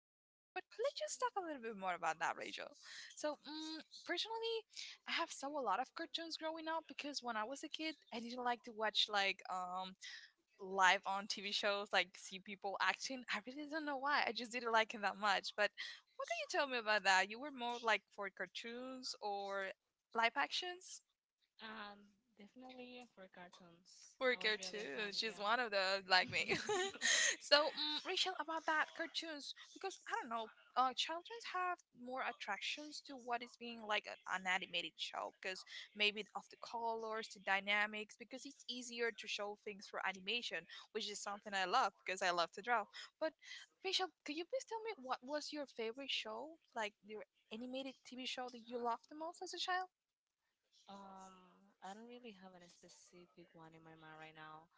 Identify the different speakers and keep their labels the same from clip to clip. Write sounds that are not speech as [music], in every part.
Speaker 1: reasons. But let's just talk a little bit more about that, Rachel. So personally, I have saw a lot of cartoons growing up because when I was a kid, I didn't like to watch like live on TV shows, like see people acting. I really don't know why. I just didn't like it that much. But what can you tell me about that? You were more like for cartoons or live actions
Speaker 2: Um, Definitely for cartoons.
Speaker 1: or
Speaker 2: I was really a fan,
Speaker 1: cartoons. She's
Speaker 2: yeah.
Speaker 1: one of those like me. [laughs]
Speaker 2: [laughs]
Speaker 1: Rachel, about that cartoons, because I don't know, children have more attractions to what is being like an animated show because maybe of the colors, the dynamics, because it's easier to show things for animation. Which is something I love because I love to draw. But Rachel, could you please tell me what was your favorite show, like your animated TV show that you loved the most as a child?
Speaker 2: Um, I don't really have any specific one in my mind right now.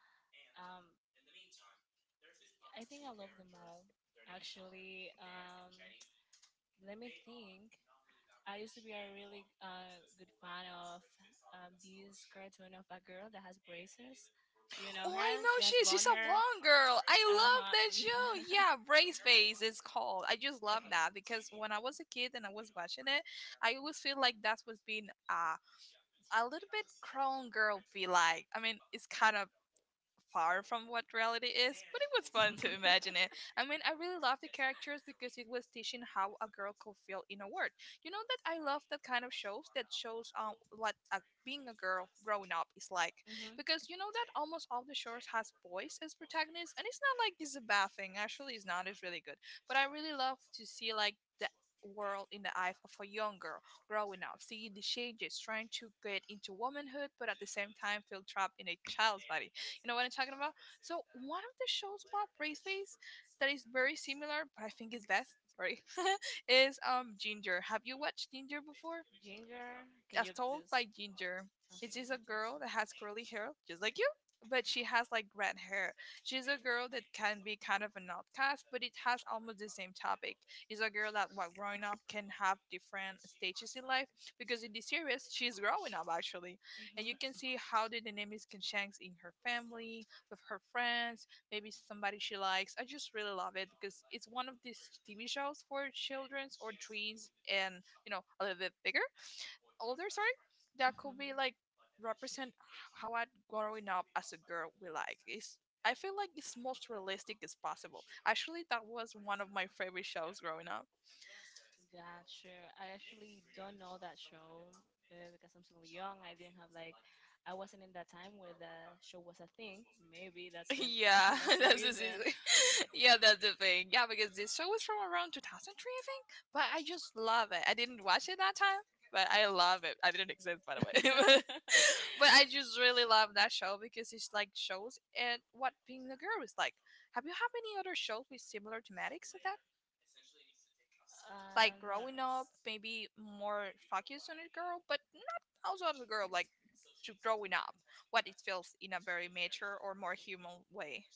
Speaker 2: Um, I think I love them all, actually. Let me think. I used to be a really good fan of this cartoon of a girl that has braces. Do you know
Speaker 1: Oh,
Speaker 2: her?
Speaker 1: I know
Speaker 2: She
Speaker 1: she
Speaker 2: has
Speaker 1: is. She's
Speaker 2: blonde
Speaker 1: a
Speaker 2: hair.
Speaker 1: blonde girl. I
Speaker 2: Uh
Speaker 1: love
Speaker 2: huh.
Speaker 1: that show.
Speaker 2: [laughs]
Speaker 1: Yeah, Brace
Speaker 2: Yeah.
Speaker 1: Face is called. I just love
Speaker 2: Okay.
Speaker 1: that because when I was a kid and I was watching it, I always feel like that was being a little bit clone girl feel like. I mean, it's kind of far
Speaker 2: [laughs]
Speaker 1: from what reality is, but it was fun to imagine it. I mean, I really love the characters because it was teaching how a girl could feel in a word. You know that I love that kind of shows that shows what being a girl growing up is like,
Speaker 2: Mhm.
Speaker 1: because you know that almost all the shows has boys as protagonists, and it's not like it's a bad thing. Actually, it's not. It's really good. But I really love to see like the world in the eyes of a young girl growing up, seeing the changes, trying to get into womanhood, but at the same time feel trapped in a child's body. You know what I'm talking about? So one of the shows about bracelets that is very similar, but I think is best. Sorry, [laughs] is Ginger. Have you watched Ginger before?
Speaker 2: Ginger, can
Speaker 1: As
Speaker 2: you
Speaker 1: told
Speaker 2: please?
Speaker 1: by Ginger, it is a girl that has curly hair, just like you, but she has like red hair. She's a girl that can be kind of an outcast, but it has almost the same topic. It's a girl that, while growing up, can have different stages in life because in the series, she's growing up actually. And you
Speaker 2: Mhm.
Speaker 1: can see how the dynamics can change in her family, with her friends, maybe somebody she likes. I just really love it because it's one of these TV shows for children's or tweens and, you know, a little bit bigger older sorry that could be
Speaker 2: Mhm.
Speaker 1: like represent how I growing up as a girl we like it's I feel like it's most realistic as possible actually that was one of my favorite shows growing up.
Speaker 2: Gotcha. I actually don't know that show because I'm still young. I didn't have like, I wasn't in that time where the show was a thing. Maybe that's
Speaker 1: [laughs]
Speaker 2: the
Speaker 1: Yeah,
Speaker 2: [laughs] that's
Speaker 1: [laughs]
Speaker 2: the
Speaker 1: that's just
Speaker 2: reason.
Speaker 1: it. [laughs] Yeah, that's the thing. Yeah, because this show was from around 2003, I think. But I just love it. I didn't watch it that time, but I love it. I didn't exist, by the way.
Speaker 2: [laughs]
Speaker 1: [laughs] But I just really love that show because it's like shows and what being a girl is like. Have you had any other shows with similar thematics like that? Like
Speaker 2: Not,
Speaker 1: growing up, maybe more focused on a girl, but not also as a girl, like to growing up, what it feels in a very mature or more human way.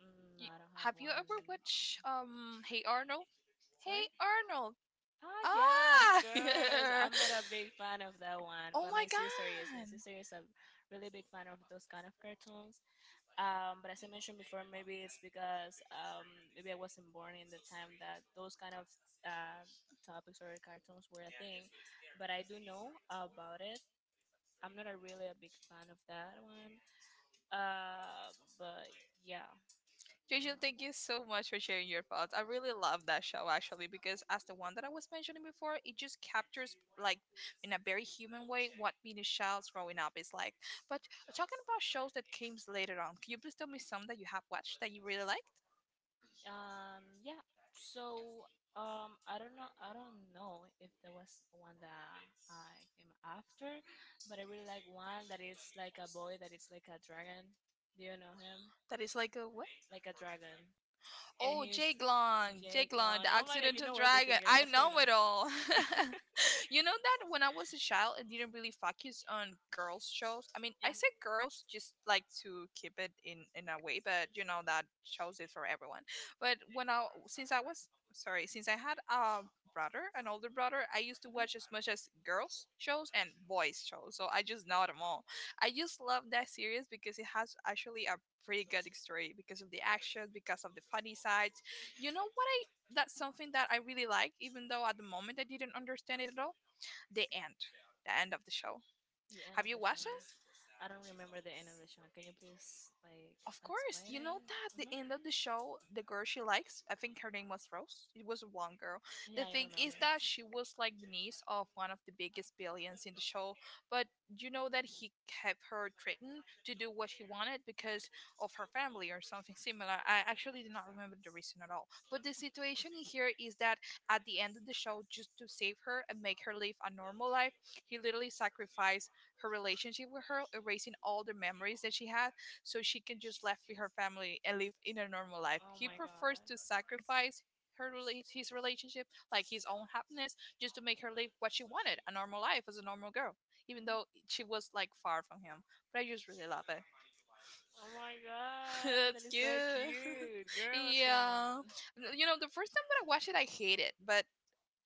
Speaker 2: mm,
Speaker 1: You,
Speaker 2: I don't have
Speaker 1: have you
Speaker 2: one.
Speaker 1: ever watched Hey Arnold? Hey
Speaker 2: Sorry?
Speaker 1: Arnold.
Speaker 2: Oh yeah, of
Speaker 1: Ah.
Speaker 2: course.
Speaker 1: [laughs]
Speaker 2: I'm not a big fan of that one,
Speaker 1: Oh
Speaker 2: but
Speaker 1: my
Speaker 2: my sister is.
Speaker 1: god.
Speaker 2: My sister is a really big fan of those kind of cartoons. But as I mentioned before, maybe it's because maybe I wasn't born in the time that those kind of uh, topics or cartoons were a thing. But I do know about it. I'm not a really a big fan of that one. But yeah,
Speaker 1: Rachel,
Speaker 2: no.
Speaker 1: thank you so much for sharing your thoughts. I really love that show actually because as the one that I was mentioning before, it just captures like in a very human way what being a child growing up is like. But talking about shows that came later on, can you please tell me some that you have watched that you really liked?
Speaker 2: Yeah. So, I don't know. I don't know if there was one that I came after, but I really like one that is like a boy that is like a dragon. Do you know him?
Speaker 1: That is like a what?
Speaker 2: Like a dragon, and
Speaker 1: Oh,
Speaker 2: he's
Speaker 1: Jake Long,
Speaker 2: Jake
Speaker 1: Jake Long,
Speaker 2: Long.
Speaker 1: the
Speaker 2: Oh my God, you
Speaker 1: Occidental
Speaker 2: know everything,
Speaker 1: Dragon.
Speaker 2: girl.
Speaker 1: I
Speaker 2: What's going
Speaker 1: know
Speaker 2: on?
Speaker 1: it all.
Speaker 2: [laughs]
Speaker 1: [laughs] You know that when I was a child, I didn't really focus on girls' shows. I mean,
Speaker 2: Yeah.
Speaker 1: I say girls just like to keep it in a way, but you know that shows it for everyone. But when I since I was sorry, since I had a brother, an older brother, I used to
Speaker 2: Mhm.
Speaker 1: watch as much as girls' shows and boys' shows. So I just know them all. I just love that series because it has actually a pretty good story because of the action, because of the funny sides. You know what I that's something that I really like, even though at the moment I didn't understand it at all the end, the end of the show.
Speaker 2: The end
Speaker 1: Have
Speaker 2: of
Speaker 1: you
Speaker 2: the
Speaker 1: watched
Speaker 2: show. I don't remember the end of the show. Can you please like
Speaker 1: Of course,
Speaker 2: explain
Speaker 1: you
Speaker 2: it?
Speaker 1: know that the
Speaker 2: Hmm.
Speaker 1: end of the show, the girl she likes, I think her name was Rose. It was one girl. The
Speaker 2: Yeah, I
Speaker 1: thing is
Speaker 2: remember her.
Speaker 1: that she was like the niece of one of the biggest billions in the show, but you know that he kept her threatened to do what she wanted because of her family or something similar. I actually did not remember the reason at all. But the situation in here is that at the end of the show, just to save her and make her live a normal life, he literally sacrificed her relationship with her, erasing all the memories that she had so she can just left with her family and live in a normal life.
Speaker 2: Oh
Speaker 1: He
Speaker 2: my god.
Speaker 1: prefers to sacrifice his relationship, like his own happiness, just to make her live what she wanted, a normal life as a normal girl, even
Speaker 2: Mhm.
Speaker 1: though she was like far from him. But I just really love it.
Speaker 2: Oh my
Speaker 1: [laughs]
Speaker 2: god,
Speaker 1: That's
Speaker 2: that is so
Speaker 1: cute.
Speaker 2: cute.
Speaker 1: [laughs]
Speaker 2: Girl, what's going
Speaker 1: Yeah.
Speaker 2: on?
Speaker 1: You know, the first time that I watched it, I hated, but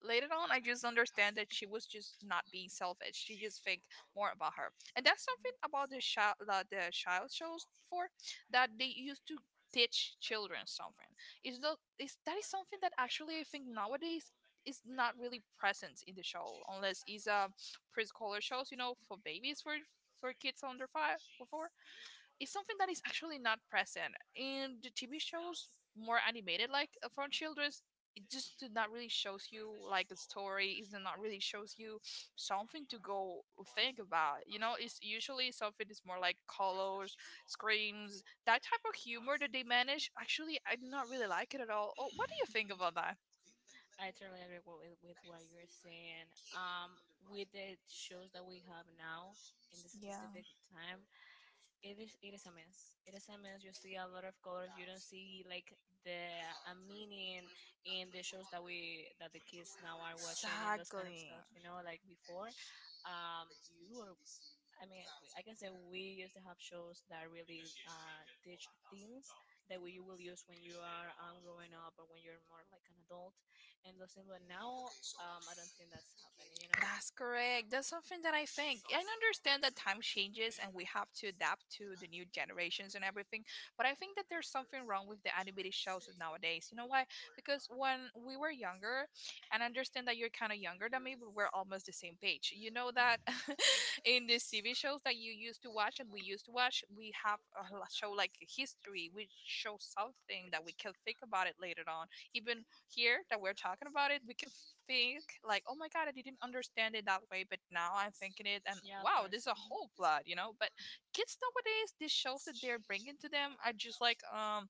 Speaker 1: later on I just understand that she was just not being selfish, she just think more about her. And that's
Speaker 2: Mhm.
Speaker 1: something about the child shows before, that they used to teach children something, is the is that is something that actually I think nowadays is not really present in the show unless it's a preschooler shows, you know, for babies for kids under five or four. It's something that is actually not present in the TV shows more animated like from children's. It just did not really shows you like a story, it did not really shows you something to go think about, you know. It's usually something is more like colors, screams, that type of humor that they manage. Actually I do not really like it at all. Oh, what do you think about that?
Speaker 2: [laughs] I totally agree with what you're saying. With the shows that we have now in this
Speaker 1: Yeah,
Speaker 2: specific time, it is a mess. It is a mess. You see a lot of colors. You don't see like the a meaning in the shows that the kids now are watching and those kind of stuff. You know, like
Speaker 1: exactly.
Speaker 2: before, um, you were I mean, I can say we used to have shows that really teach things that we will use when you are growing up or when you're more like an adult and those things. But now, I don't think that's happening, you know?
Speaker 1: That's correct. That's something that I think. I understand that time changes and we have to adapt to the new generations and everything, but I think that there's something wrong with the animated shows of nowadays. You know why? Because when we were younger, and I understand that you're kind of younger than me, but we're almost the same page. You know that [laughs] in the TV shows that you used to watch and we used to watch, we have a show like history. We show something that we can think about it later on. Even here
Speaker 2: [laughs]
Speaker 1: that we're talking about it, we can think like, oh my god, I didn't understand it that way, but now I'm thinking it, and
Speaker 2: Yeah, of
Speaker 1: wow,
Speaker 2: course.
Speaker 1: this is a
Speaker 2: Mhm.
Speaker 1: whole plot, you know. But kids nowadays, these shows that they're bringing to them are just like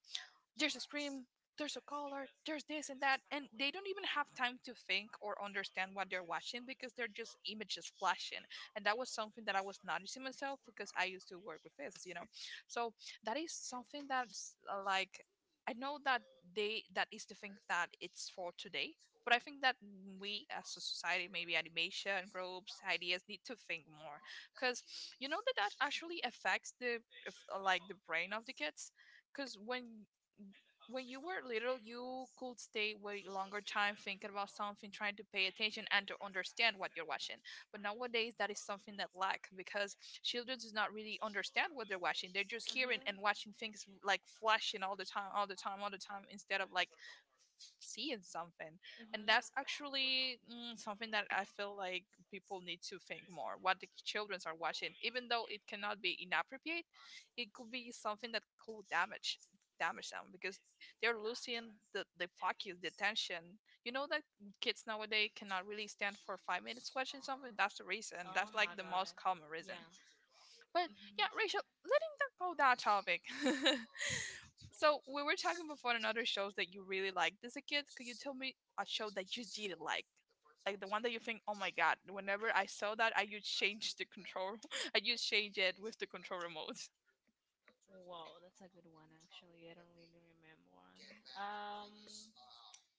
Speaker 1: there's a scream, there's a collar, there's this and that, and they don't even have time to think or understand what they're watching because they're just images flashing. And that was something that I was noticing myself because I used to work with this, you know. So that is something that's like I know that they that is the thing that it's for today, but I think that we as a society, maybe animation groups, ideas, need to think more, because you know that that actually affects the like the brain of the kids. Because when you were little, you could stay way longer time thinking about something, trying to pay attention and to understand what you're watching. But nowadays, that is something that lack because children does not really understand what they're watching. They're just hearing
Speaker 2: Mhm.
Speaker 1: and watching things like flashing all the time, all the time, all the time, instead of like seeing something. And
Speaker 2: Mhm.
Speaker 1: that's actually something that I feel like people need to think more what the children are watching. Even though it cannot be inappropriate, it could be something that could damage them because they're losing the focus, the attention, you know, that kids nowadays cannot really stand for 5 minutes watching something. That's the reason,
Speaker 2: Oh
Speaker 1: that's like
Speaker 2: my
Speaker 1: the most
Speaker 2: God.
Speaker 1: common reason.
Speaker 2: Yeah.
Speaker 1: But yeah,
Speaker 2: Mhm.
Speaker 1: Rachel, letting that go, that topic. [laughs] So we were talking before on other shows that you really liked as a kid. Could you tell me a show that you didn't like? Like the one that you think, oh my god, whenever I saw that, I just change the control. [laughs] I just change it with the control remote.
Speaker 2: Wow, that's a good one actually. I don't really remember one.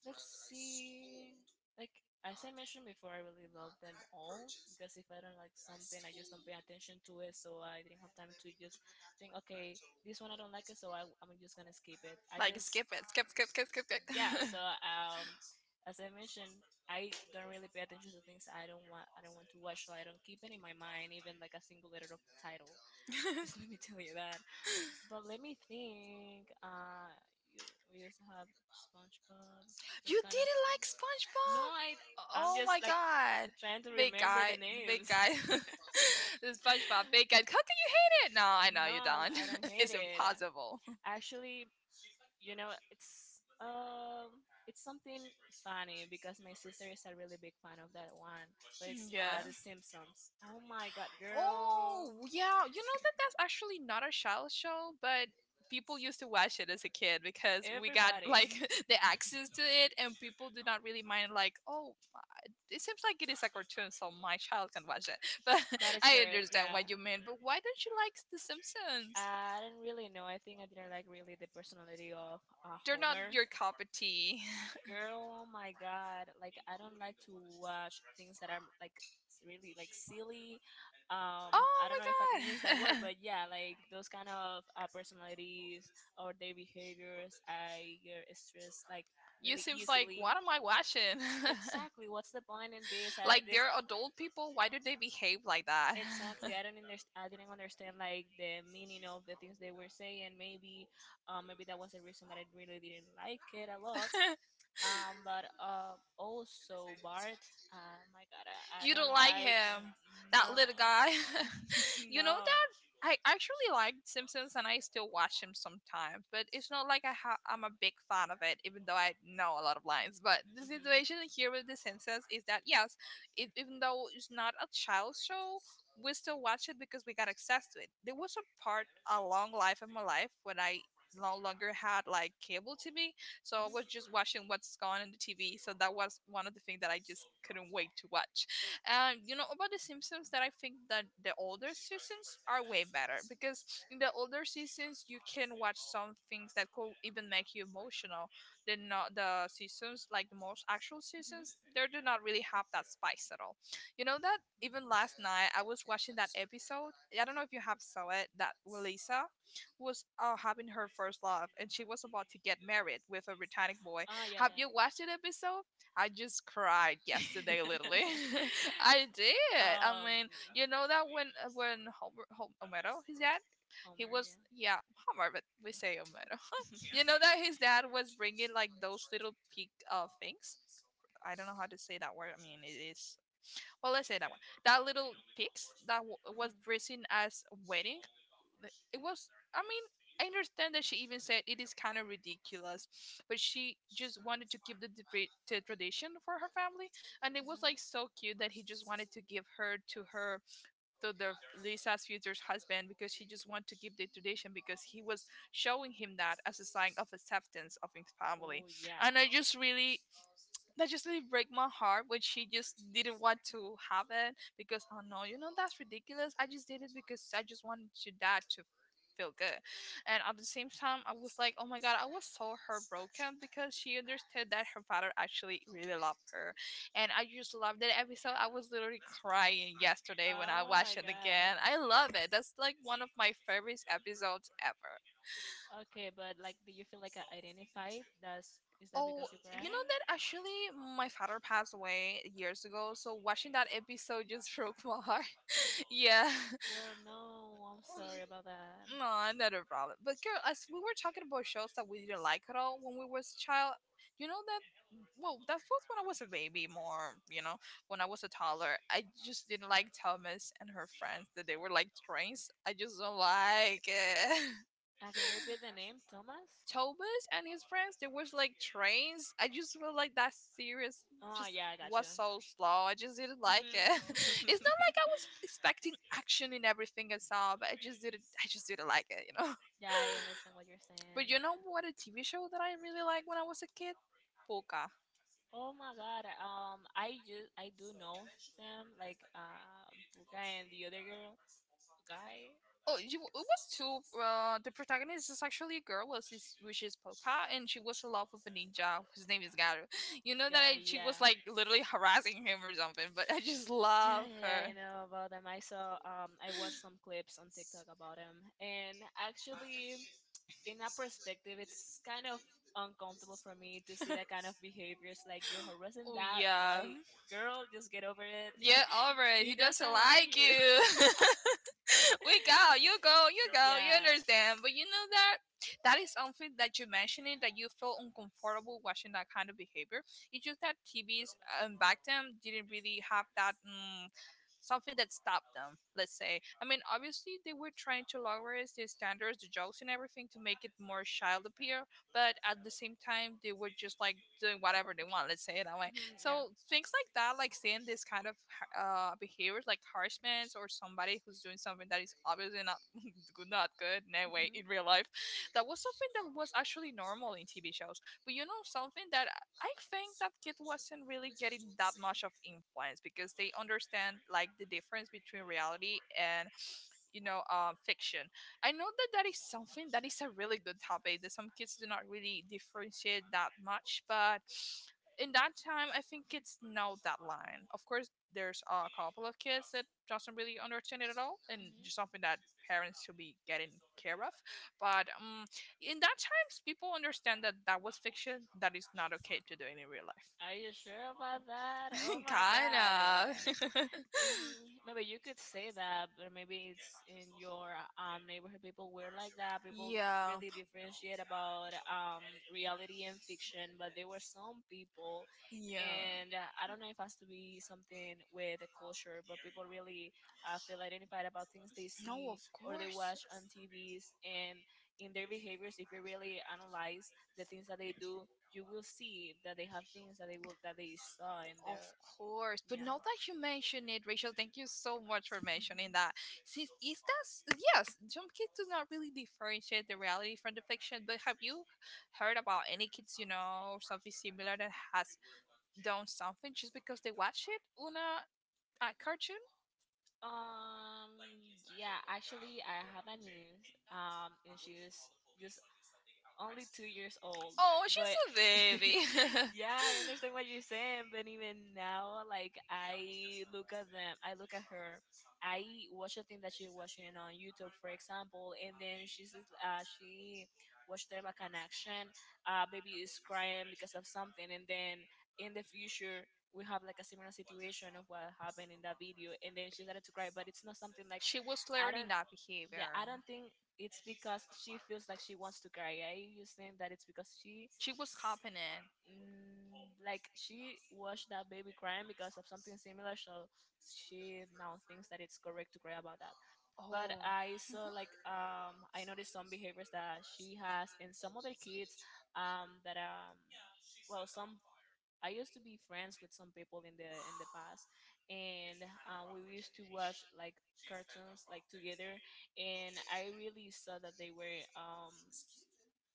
Speaker 2: Let's see. Like as I mentioned before, I really love them all because if I don't like something, I just don't pay attention to it. So I didn't have time to just think, okay, this one I don't like it, so I'm just gonna skip it. I
Speaker 1: Like
Speaker 2: just
Speaker 1: skip it, skip, skip, skip, skip,
Speaker 2: yeah. So as I mentioned, I don't really pay attention to things I don't want. I don't want to watch, so I don't keep it in my mind, even like a single letter of the title. [laughs]
Speaker 1: skip.
Speaker 2: Just let me tell you that.
Speaker 1: [laughs]
Speaker 2: But let me think. You, we used to have SpongeBob. Those
Speaker 1: You
Speaker 2: kind of.
Speaker 1: didn't like
Speaker 2: No, I.
Speaker 1: SpongeBob?
Speaker 2: I'm
Speaker 1: Oh
Speaker 2: just
Speaker 1: my
Speaker 2: like
Speaker 1: god.
Speaker 2: trying to
Speaker 1: Big
Speaker 2: remember the
Speaker 1: guy, big
Speaker 2: names.
Speaker 1: guy! [laughs] This SpongeBob, big guy. How can you hate it? No, I
Speaker 2: [laughs]
Speaker 1: know
Speaker 2: No,
Speaker 1: you
Speaker 2: I'm-
Speaker 1: don't.
Speaker 2: I don't
Speaker 1: [laughs]
Speaker 2: hate
Speaker 1: It's
Speaker 2: it.
Speaker 1: impossible.
Speaker 2: Actually, you know, it's something funny because my sister is a really big fan of that one. But it's
Speaker 1: Yeah.
Speaker 2: The Simpsons. Oh my God,
Speaker 1: Oh,
Speaker 2: girl!
Speaker 1: yeah. You know that that's actually not a child show, but people used to watch it as a kid because we got like
Speaker 2: Everybody.
Speaker 1: [laughs] the access to it, and people did not really mind like, "Oh, it seems like it is a cartoon, so my child can watch it." [laughs] But
Speaker 2: That [laughs] is
Speaker 1: I
Speaker 2: correct.
Speaker 1: understand
Speaker 2: Yeah.
Speaker 1: what you mean. But why don't you like The Simpsons?
Speaker 2: I didn't really know. I think I didn't like really the personality of
Speaker 1: They're not
Speaker 2: Homer.
Speaker 1: your cup of tea. [laughs]
Speaker 2: Girl, oh my God. Like I don't like to watch things that are really silly
Speaker 1: Oh
Speaker 2: I don't
Speaker 1: my
Speaker 2: know if I can use that word
Speaker 1: god. [laughs]
Speaker 2: but yeah like those kind of personalities or their behaviors I get stressed like
Speaker 1: You
Speaker 2: really
Speaker 1: seems like,
Speaker 2: easily
Speaker 1: what am I watching?
Speaker 2: exactly what's the point in this
Speaker 1: [laughs] Like
Speaker 2: at this
Speaker 1: they're adult people. Why do they behave like that?
Speaker 2: Exactly. I didn't understand like the meaning of the things they
Speaker 1: [laughs]
Speaker 2: were saying. Maybe that was the reason that I really didn't like it a lot. But Also Bart. My God,
Speaker 1: [laughs]
Speaker 2: I
Speaker 1: You don't
Speaker 2: don't
Speaker 1: like
Speaker 2: like.
Speaker 1: him, that
Speaker 2: No,
Speaker 1: little guy.
Speaker 2: [laughs]
Speaker 1: [laughs] You know,
Speaker 2: no.
Speaker 1: I actually liked Simpsons and I still watch them sometimes, but it's not like I I'm a big fan of it, even though I know a lot of lines. But the
Speaker 2: Mhm.
Speaker 1: situation here with The Simpsons is that, yes, it, even though it's not a child show, we still watch it because we got access to it. There was a part, a long life of my life, when I no longer had like cable TV, so I
Speaker 2: Mhm.
Speaker 1: was just watching what's going on in the TV. So that was one of the things that I just couldn't wait to watch. And you know about the Simpsons that I think that the older seasons are way better, because in the older seasons you can watch some things that could even make you emotional. The not the seasons like the most actual seasons, they do not really have that spice at all. You know that even last night I was watching that episode, I don't know if you have saw it, that Lisa was having her first love, and she was about to get married with a
Speaker 2: Mhm.
Speaker 1: britannic boy.
Speaker 2: Ah, yeah,
Speaker 1: Have
Speaker 2: yeah.
Speaker 1: you watched that episode? I just cried yesterday, literally.
Speaker 2: [laughs]
Speaker 1: [laughs] I did, I
Speaker 2: um,
Speaker 1: mean, you know that when Homer, Homero, is that he
Speaker 2: Homer yeah.
Speaker 1: was, yeah, Homer, but we say Homero.
Speaker 2: [laughs] Mhm,
Speaker 1: You know that his dad was bringing like those little pig things. I don't know how to say that word. I mean, it is, well, let's say that one. That little pigs that
Speaker 2: mhm.
Speaker 1: was dressing as wedding. It was, I mean, I understand that she even said it is kind of ridiculous, but she just wanted to keep the the tradition for her family, and it was like so cute that he just wanted to give her to her, to the Lisa's future husband, because she just wanted to keep the tradition, because he was showing him that as a sign of acceptance of his
Speaker 2: Oh,
Speaker 1: family,
Speaker 2: yeah.
Speaker 1: and I just really, that just really break my heart when she just didn't want to have it, because, oh no, you know, that's ridiculous, I just did it because I just wanted your dad to feel good. And at the same time I was like, oh my god, I was so heartbroken because she understood that her father actually really loved her. And I just loved that episode, I was literally crying yesterday when I
Speaker 2: Oh my
Speaker 1: watched it
Speaker 2: god.
Speaker 1: again, I love it. That's like one of my favorite episodes ever.
Speaker 2: Okay, but like, do you feel like I identified? That's is that
Speaker 1: Oh,
Speaker 2: because you
Speaker 1: you
Speaker 2: cried?
Speaker 1: know that actually my father passed away years ago, so watching that episode just [laughs] broke my heart. [laughs] Yeah. [laughs]
Speaker 2: Girl, no, I'm [laughs] sorry about that.
Speaker 1: No, not a problem. But girl, as we were talking about shows that we didn't like at all when we was child, you know that, well, that was when I was a baby more, you know, when I was a toddler. I just didn't like Thomas and her friends that they were like trains. I just don't like it.
Speaker 2: Can you repeat the
Speaker 1: [laughs]
Speaker 2: name, Thomas?
Speaker 1: Thomas and his friends, there was like trains. I just felt like that series
Speaker 2: Oh
Speaker 1: just
Speaker 2: yeah, I got you.
Speaker 1: was so slow. I just didn't
Speaker 2: Mhm.
Speaker 1: like it. [laughs] It's not
Speaker 2: [laughs]
Speaker 1: like I was expecting action in everything I saw, but I just didn't. I just didn't like it, you know. [laughs]
Speaker 2: Yeah, I understand what you're
Speaker 1: But
Speaker 2: saying.
Speaker 1: you know what? A TV show that I really liked when I was a kid, Polka.
Speaker 2: Oh my god. I do know them like Puka and the other girl guy.
Speaker 1: Oh, you, it was two. The protagonist is actually a girl, was his, which is Poka, and she was in love with a ninja whose name is Garu. You know that
Speaker 2: Got
Speaker 1: I,
Speaker 2: it.
Speaker 1: she
Speaker 2: Yeah.
Speaker 1: was like literally harassing him or something, but I just love
Speaker 2: Yeah, I
Speaker 1: her.
Speaker 2: know about them. I saw, I watched some clips on TikTok about them, and actually, in a perspective, it's kind of uncomfortable for me to see that kind of behaviors. Like you're harassing
Speaker 1: Oh
Speaker 2: that
Speaker 1: yeah. [laughs]
Speaker 2: boy, girl, just get over it.
Speaker 1: Yeah,
Speaker 2: [laughs]
Speaker 1: alright.
Speaker 2: He
Speaker 1: He doesn't
Speaker 2: doesn't want
Speaker 1: like
Speaker 2: you.
Speaker 1: you. [laughs] We go, you go, you
Speaker 2: [laughs]
Speaker 1: go, you
Speaker 2: Yeah.
Speaker 1: understand. But you know that that is something that you mentioned it, that you felt uncomfortable watching that kind of behavior. It's just that TVs back then didn't really have that. Something that stopped them, let's say. I mean, obviously they were trying to lower the standards, the jokes and everything, to make it more child appear, but at the same time they were just like doing whatever they want, let's say it that way.
Speaker 2: Mhm, yeah.
Speaker 1: So things like that, like seeing this kind of behaviors, like harshness or somebody who's doing something that is obviously not [laughs] good, not good in any
Speaker 2: Mhm.
Speaker 1: way
Speaker 2: Mhm.
Speaker 1: in real life, that was something that was actually normal in TV shows. But you know, something that I think that kid wasn't really getting that much of influence because they understand like the difference between reality and, you know, fiction. I know that that is something that is a really good topic, that some kids do not really differentiate that much, but in that time I think kids know that line. Of course, there's a couple of kids that doesn't really understand it at all, and just something that parents should be getting care of. But in that times people understand that that was fiction, that is not okay to do in real life.
Speaker 2: Are you sure about that? Oh
Speaker 1: [laughs]
Speaker 2: my god.
Speaker 1: Kinda.
Speaker 2: Maybe you could say that, but maybe it's in your neighborhood. People were like that.
Speaker 1: [laughs]
Speaker 2: People
Speaker 1: Yeah, yeah.
Speaker 2: really differentiate about reality and fiction, but there were some people, and I don't know if it has to be something with the culture, but people really feel identified about things they
Speaker 1: No,
Speaker 2: see
Speaker 1: of
Speaker 2: or they
Speaker 1: course.
Speaker 2: watch on TVs, and in their behaviors, if you really analyze the things that they do, you will see that they have things that they will that they saw in
Speaker 1: Of
Speaker 2: there
Speaker 1: course, but
Speaker 2: yeah.
Speaker 1: now that you mention it, Rachel, thank you so much for mentioning that.
Speaker 2: [laughs]
Speaker 1: Since is that, yes, some kids do not really differentiate the reality from the fiction. But have you heard about any kids you know or something similar that has done something just because they watch it on a cartoon?
Speaker 2: Um, yeah, actually, I have a niece, and she's just only 2 years old.
Speaker 1: Oh,
Speaker 2: But
Speaker 1: she's a
Speaker 2: [laughs]
Speaker 1: baby. [laughs]
Speaker 2: yeah, I understand what you're saying. But even now, like I look at them, I look at her, I watch a thing that she's watching on YouTube, for example, and then she says, she watched there like an action, baby is crying because of something, and then in the future we have like a similar situation of what happened in that video and then she started to cry but it's not something like
Speaker 1: She was
Speaker 2: I
Speaker 1: learning
Speaker 2: don't
Speaker 1: that
Speaker 2: yeah,
Speaker 1: behavior.
Speaker 2: I don't think it's because she feels like she wants to cry. I just think that it's because
Speaker 1: She was
Speaker 2: s-
Speaker 1: copying it.
Speaker 2: mm, like, she watched that baby crying because of something similar, so she now thinks that it's correct to cry about that. But I saw like I noticed some behaviors that she has and some other kids that well some I used to be friends with some people in the past, and we used to watch like cartoons like together, and I really saw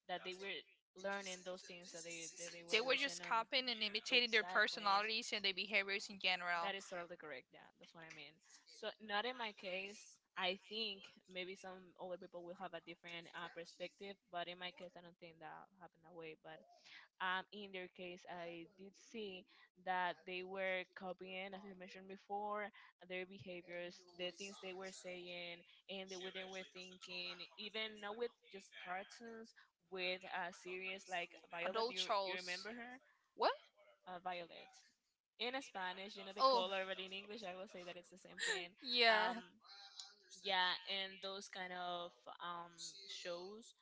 Speaker 2: that they were learning those things that they were
Speaker 1: They,
Speaker 2: watching
Speaker 1: just
Speaker 2: on
Speaker 1: copying and imitating their
Speaker 2: exactly
Speaker 1: personalities and their behaviors in general.
Speaker 2: that is totally correct yeah that's what I mean so not in my case I think maybe some older people will have a different perspective but in my case I don't think that happened that way but in their case, I did see that they were copying, as I mentioned before, their behaviors, the things they were saying, and the way they were thinking, even not with just cartoons, with a series like Violet.
Speaker 1: Adult
Speaker 2: You
Speaker 1: shows.
Speaker 2: remember her?
Speaker 1: What?
Speaker 2: Violet. In Spanish, you know the
Speaker 1: Oh. [laughs]
Speaker 2: color, but in English, I will say that it's the same thing. Um,
Speaker 1: Yeah.
Speaker 2: yeah, and those kind of um, shows,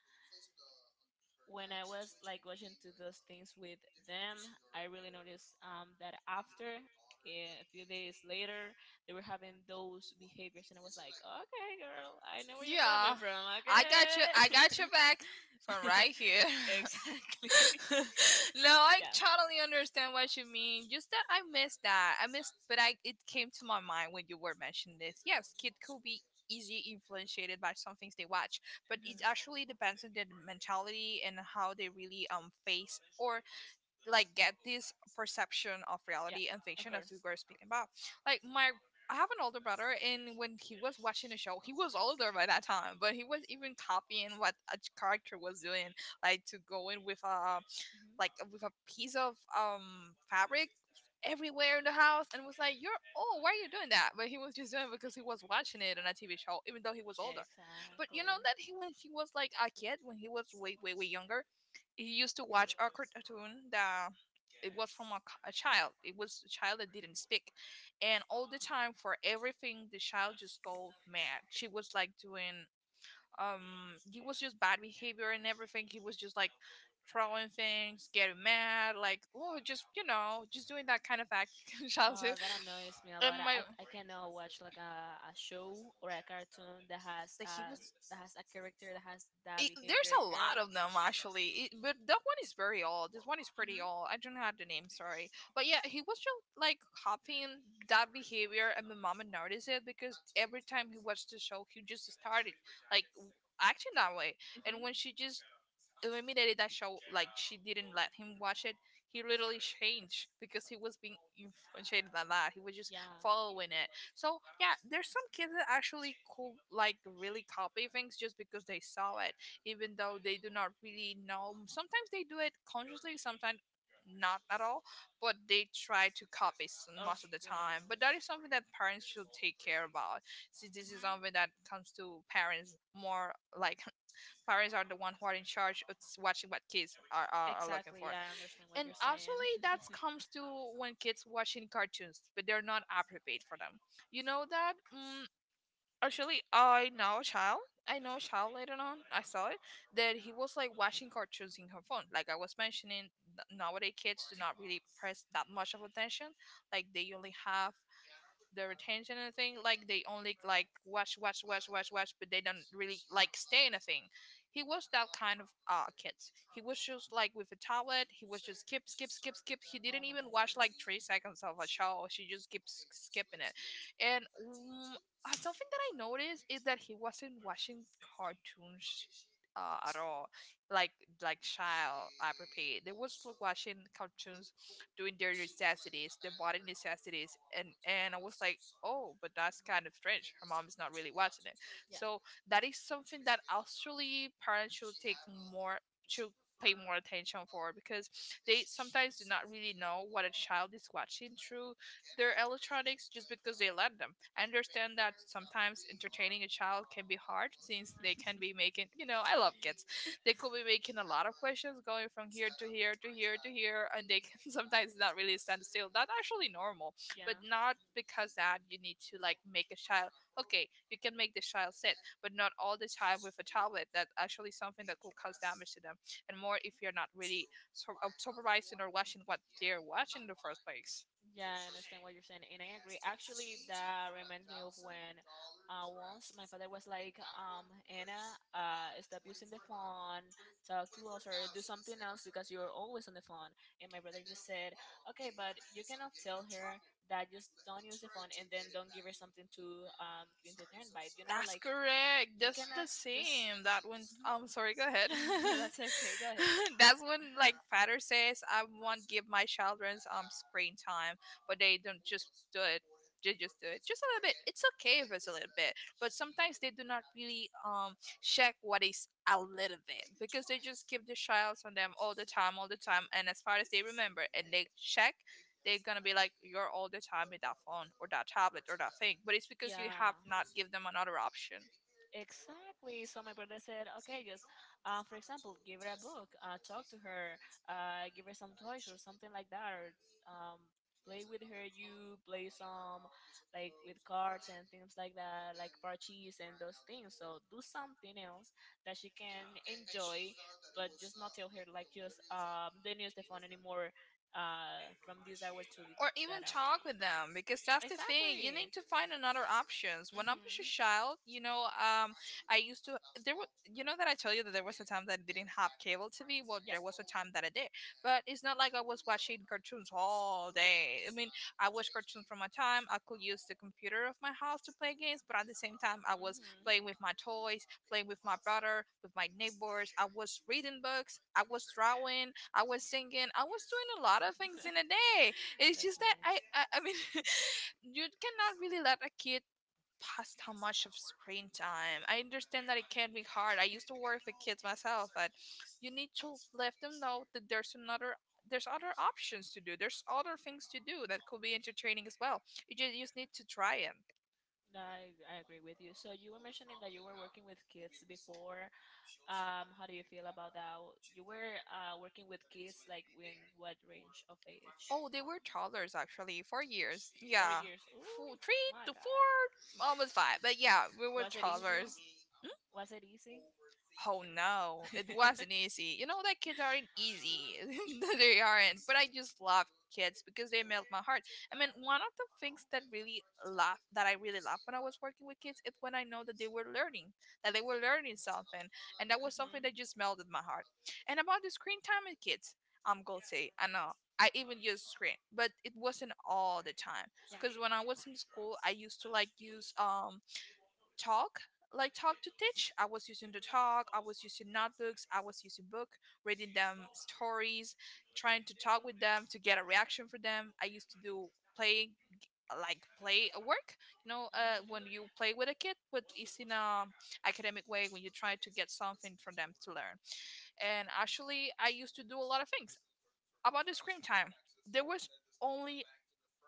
Speaker 2: when I was like watching to those things with them, I really noticed that after And a few days later they were having those behaviors and I was like okay girl I know where you're coming
Speaker 1: Yeah.
Speaker 2: from
Speaker 1: I got you.
Speaker 2: okay
Speaker 1: I got your back from right
Speaker 2: [laughs]
Speaker 1: here. [laughs]
Speaker 2: exactly
Speaker 1: [laughs] No,
Speaker 2: [laughs]
Speaker 1: I
Speaker 2: yeah
Speaker 1: totally understand what you mean. Just that. I missed, but I it came to my mind when you were mentioning this. Yes, kids could be easily influenced by some things they watch, but
Speaker 2: Mhm.
Speaker 1: it actually depends on their mentality and how they really face or like get this perception of
Speaker 2: yeah
Speaker 1: reality and
Speaker 2: of
Speaker 1: fiction, as
Speaker 2: course
Speaker 1: we were speaking about. Like my. I have an older brother, and when he was watching the show, he was older by that time, but he was even copying what a character was doing, like to go in with
Speaker 2: Mhm.
Speaker 1: like with a piece of fabric everywhere in the house, and was like, you're, oh, why are you doing that? But he was just doing it because he was watching it on a TV show, even though he was older. But you
Speaker 2: exactly
Speaker 1: know that he, when he was like a kid, when he was way, way, way younger, he used to watch a cartoon that it was from a, a child. It was a child that didn't speak. And all the time for everything the child just go mad. She was like doing it was just bad behavior, and everything he was just like throwing things, getting mad, like oh, just you know just doing that kind of act [laughs] shall do.
Speaker 2: That annoys me a
Speaker 1: And
Speaker 2: lot.
Speaker 1: my
Speaker 2: I cannot watch like a show or a cartoon
Speaker 1: that he was
Speaker 2: that has a character that has that
Speaker 1: it, there's
Speaker 2: behavior.
Speaker 1: a lot
Speaker 2: Girl, I
Speaker 1: of them
Speaker 2: can't.
Speaker 1: actually it, but that one is very old. This one is pretty
Speaker 2: Mhm.
Speaker 1: old. I don't have the name, sorry, but yeah, he was just like copying that behavior. And my mom noticed it because every time he watched the show he just started like acting that way.
Speaker 2: Mhm.
Speaker 1: And when she just eliminated that show, like she didn't let him watch it, he literally changed because he was being influenced by that. He was just
Speaker 2: Yeah.
Speaker 1: following it. So yeah, there's some kids that actually could like really copy things just because they saw it, even though they do not really know. Sometimes they do it consciously, sometimes not at all, but they try to copy
Speaker 2: Of
Speaker 1: most of the time.
Speaker 2: course.
Speaker 1: But that is something that parents should take care about, since this is
Speaker 2: Mhm.
Speaker 1: something that comes to parents more. Like [laughs] parents are the one who are in charge of watching what kids are looking
Speaker 2: Exactly.
Speaker 1: for.
Speaker 2: Yeah, I understand what
Speaker 1: And
Speaker 2: you're saying.
Speaker 1: actually that
Speaker 2: [laughs]
Speaker 1: comes to when kids watching cartoons but they're not appropriate for them. You know that, actually I know a child later on I saw it, that he was like watching cartoons in her phone. Like I was mentioning, nowadays kids do not really press that much of attention, like they only have the retention and thing, like they only like watch watch watch watch watch, but they don't really like stay in a thing. He was that kind of kid. He was just like with a tablet, he was just skip skip skip skip. He didn't even watch like 3 seconds of a show, she just keeps skipping it. And something that I noticed is that he wasn't watching cartoons at all. Like like child, I repeat, they was watching cartoons doing their necessities, their body necessities, and I was like, oh, but that's kind of strange. Her mom is not really watching it, so that is something that actually parents should take more should pay more attention for, because they sometimes do not really know what a child is watching through their electronics just because they let them. I understand that sometimes entertaining a child can be hard, since they can be making, you know, I love kids. [laughs] They could be making a lot of questions, going from here to here to here to here, and they can [laughs] sometimes not really stand still. That's actually normal,
Speaker 2: [laughs]
Speaker 1: but not because that you need to like make a child. Okay, you can make the child sit, but not all the time with a tablet. That's actually something that could cause damage to them, and more if you're not really supervising or watching what they're watching in the first place.
Speaker 2: Yeah, I understand what you're saying, and I agree. Actually, that reminds me of when once my father was like, Anna, stop using the phone, talk to us, or do something else because you're always on the phone. And my brother just said, okay, but you cannot tell her that just don't use the phone and then don't give her something to get entertained by. You know,
Speaker 1: That's
Speaker 2: like
Speaker 1: correct.
Speaker 2: you
Speaker 1: That's the
Speaker 2: cannot just.
Speaker 1: same. That one.
Speaker 2: Mhm.
Speaker 1: I'm sorry. Go ahead.
Speaker 2: [laughs] No, that's okay. Go ahead.
Speaker 1: [laughs] That's when like father says, "I won't give my children screen time," but they don't just do it. They just do it just a little bit. It's okay if it's a little bit, but sometimes they do not really check what is a little bit, because they just give the child on them all the time, and as far as they remember, and they check, they're gonna be like, you're all the time with that phone or that tablet or that thing. But it's because you
Speaker 2: Yeah.
Speaker 1: have not give them another option.
Speaker 2: Exactly. So my brother said, okay, just, for example, give her a book, talk to her, give her some toys or something like that, or um, play with her. You play some like with cards and things like that, like parches and those things. So do something else that she can enjoy, but just not tell her like just don't use the phone anymore from this hour to
Speaker 1: Or even
Speaker 2: that hour.
Speaker 1: talk with them, because that's the thing, you need
Speaker 2: Exactly.
Speaker 1: to find another options. When I was a
Speaker 2: Mhm.
Speaker 1: child, I used to there was, you know that I told you that there was a time that I didn't have cable TV. Well,
Speaker 2: Yeah.
Speaker 1: there was a
Speaker 2: Mhm.
Speaker 1: time that I did, but it's not like I was watching cartoons all day. I mean, I watched cartoons from my time, I could use the computer of my house to play games, but at the same time I was playing with my toys, playing with my brother, with my neighbors, I was reading books, I was drawing, I was singing, I was doing a lot of things in a day.
Speaker 2: [laughs]
Speaker 1: It's
Speaker 2: That's
Speaker 1: just that
Speaker 2: nice.
Speaker 1: I mean, [laughs] you cannot really let a kid pass how much of screen time. I understand that it can be hard. I used to work with kids myself, but you need to let them know that there's other options to do. There's other things to do that could be entertaining as well. You just need to try it.
Speaker 2: I agree with you. So you were mentioning that you were working with kids before. How do you feel about that? You were working with kids like in what range of age?
Speaker 1: Oh, they were toddlers actually, 4 years.
Speaker 2: Four
Speaker 1: Yeah,
Speaker 2: years.
Speaker 1: four,
Speaker 2: Ooh,
Speaker 1: three
Speaker 2: my
Speaker 1: to
Speaker 2: God.
Speaker 1: four, almost five. But yeah, we were
Speaker 2: Was it easy?
Speaker 1: toddlers.
Speaker 2: Was it easy?
Speaker 1: Oh no, it
Speaker 2: [laughs]
Speaker 1: wasn't easy. You know that kids aren't easy. [laughs] They aren't. But I just love kids because they melt my heart. I mean, one of the things that I really laugh when I was working with kids is when I know that they were learning, that they were learning something, and that was something
Speaker 2: Hmm.
Speaker 1: that just melted my heart. And about the screen time with kids, I'm guilty. I know. I even used screen, but it wasn't all the time.
Speaker 2: Yeah.
Speaker 1: Because when I was
Speaker 2: Mhm.
Speaker 1: in school, I used to like use talk, like talk to teach. I was using the talk, I was using notebooks, I was using book, reading them stories, trying to talk with them to get a reaction for them. I used to do playing, like play a work, you know, when you play with a kid but it's in a academic way, when you try to get something for them to learn. And actually I used to do a lot of things. About the screen time, there was only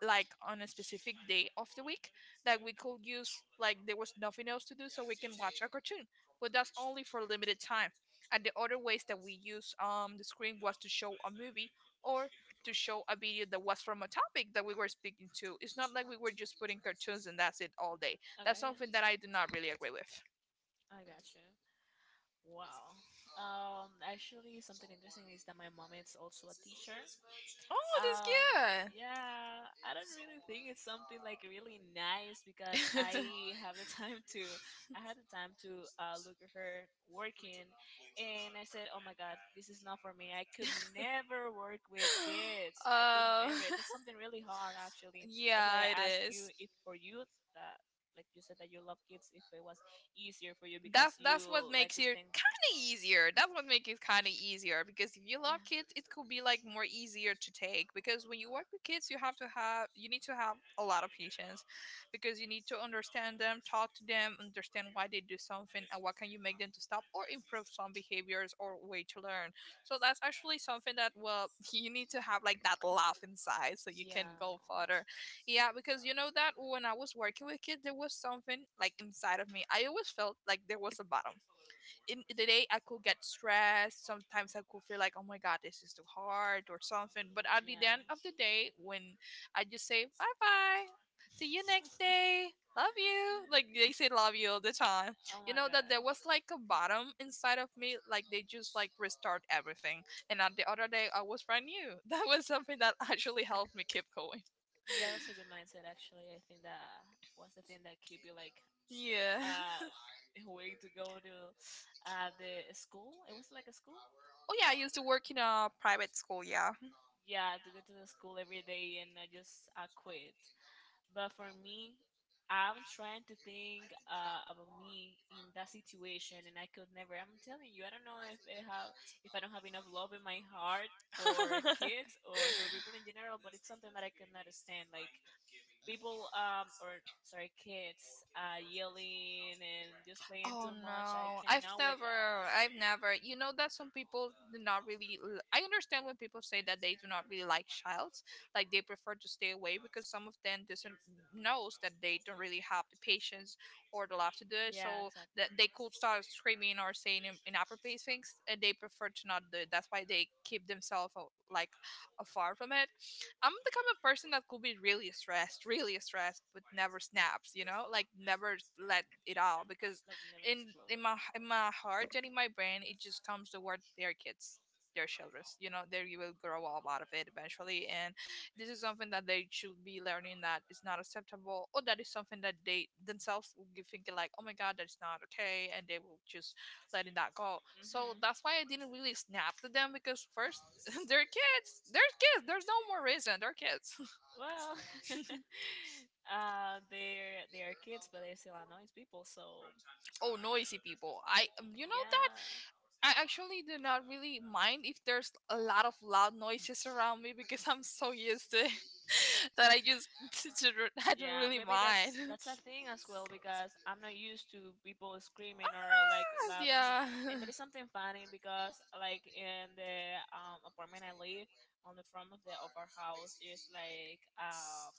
Speaker 1: like on a specific day of the week that we could use, like there was nothing else to do, so we can watch a cartoon, but that's only for a limited time. And the other ways that we use the screen was to show a movie, or to show a video that was from a topic that we were speaking to. It's not like we were just putting cartoons and that's it all day. That's
Speaker 2: Okay, yeah.
Speaker 1: something that I do not really agree with.
Speaker 2: I got you. Wow. Actually, something interesting is that my mom is also a teacher.
Speaker 1: Oh, that's
Speaker 2: Um,
Speaker 1: good.
Speaker 2: yeah, I don't really think it's something like really nice because
Speaker 1: [laughs]
Speaker 2: I have the [laughs] time to, I had the time to look at her working, and I said, oh my God, this is not for me. I could never work with kids. I could
Speaker 1: Oh,
Speaker 2: never. That's something really hard,
Speaker 1: [laughs]
Speaker 2: actually. That's why
Speaker 1: yeah,
Speaker 2: I
Speaker 1: it
Speaker 2: asked
Speaker 1: is.
Speaker 2: you if for you that, like you said that you love kids, if it was easier for you because
Speaker 1: That's
Speaker 2: you
Speaker 1: what
Speaker 2: like
Speaker 1: makes
Speaker 2: to
Speaker 1: it
Speaker 2: spend.
Speaker 1: kind of easier. That's what makes it kind of easier, because if you love
Speaker 2: Yeah.
Speaker 1: kids, it could be like more easier to take. Because when you work with kids, you need to have a lot of patience, because you need to understand them, talk to them, understand why they do something, and what can you make them to stop or improve some behaviors or way to learn. So that's actually something that, well, [laughs] you need to have like that laugh inside so you
Speaker 2: Yeah.
Speaker 1: can go
Speaker 2: Yeah.
Speaker 1: further. Yeah, because you know that when I was working with kids, there was something like inside of me. I always felt like there was a bottom. In the day, I could get stressed. Sometimes I could feel like, oh my God, this is too hard or something. But at the end of the day, when I just say, bye bye, see you next day,
Speaker 2: [laughs]
Speaker 1: love you, like they say, love you all the time,
Speaker 2: Oh
Speaker 1: you
Speaker 2: my
Speaker 1: know,
Speaker 2: god.
Speaker 1: that there was like a bottom inside of me. Like they just like restart everything. And at the other day, I was brand new. [laughs] That was something that actually helped me keep going.
Speaker 2: Yeah, that's a good mindset actually. I think that was the thing that keep you like
Speaker 1: Yeah.
Speaker 2: uh
Speaker 1: [laughs]
Speaker 2: [laughs] way to go to the school. It was like a school.
Speaker 1: Oh yeah, I used to work in a private school. Yeah.
Speaker 2: Yeah, to go to the school every day, and I just, I quit. But for me, I'm trying to think about me in that situation, and I could never. I'm telling you, I don't know if I have, if I don't have enough love in my heart for kids
Speaker 1: [laughs]
Speaker 2: or for people in general, but it's something that I can understand, like people or sorry, kids yelling and just playing
Speaker 1: Oh
Speaker 2: too much. I
Speaker 1: no, I've
Speaker 2: cannot with that.
Speaker 1: never, I've never. You know that some people do not really. I understand when people say that they do not really like childs, like they prefer to stay away because some of them doesn't knows that they don't really have the patience or the love to do it.
Speaker 2: Yeah,
Speaker 1: So
Speaker 2: exactly.
Speaker 1: that they could start screaming or saying inappropriate things, and they prefer to not do it. That's why they keep themselves like afar from it. I'm the kind of person that could be really stressed, but never snaps. You know, like never let it out because
Speaker 2: Like, never
Speaker 1: in in
Speaker 2: explode.
Speaker 1: my in my heart and in my brain, it just comes the word their kids. Their children, you know, they will grow up out of it eventually, and this is something that they should be learning, that is not acceptable, or that is something that they themselves will be thinking like, oh my God, that's not okay, and they will just letting that go. So
Speaker 2: Hmm.
Speaker 1: that's why I didn't really snap to them, because first, [laughs] they're kids, they're kids, there's no more reason, they're kids.
Speaker 2: Well, [laughs] they are kids, but they still annoys people. So
Speaker 1: [laughs] Oh,
Speaker 2: uh,
Speaker 1: noisy people. I you know that
Speaker 2: yeah,
Speaker 1: I actually do not really mind if there's a lot of loud noises around me because I'm so used to it [laughs] that I just [laughs] I don't
Speaker 2: yeah,
Speaker 1: really
Speaker 2: maybe
Speaker 1: mind.
Speaker 2: that's a thing as well, because I'm not used to people screaming
Speaker 1: [laughs]
Speaker 2: or like
Speaker 1: Ah,
Speaker 2: loud noises.
Speaker 1: yeah. [laughs]
Speaker 2: And there is something funny because like in the apartment I live, on the front of our house, there's like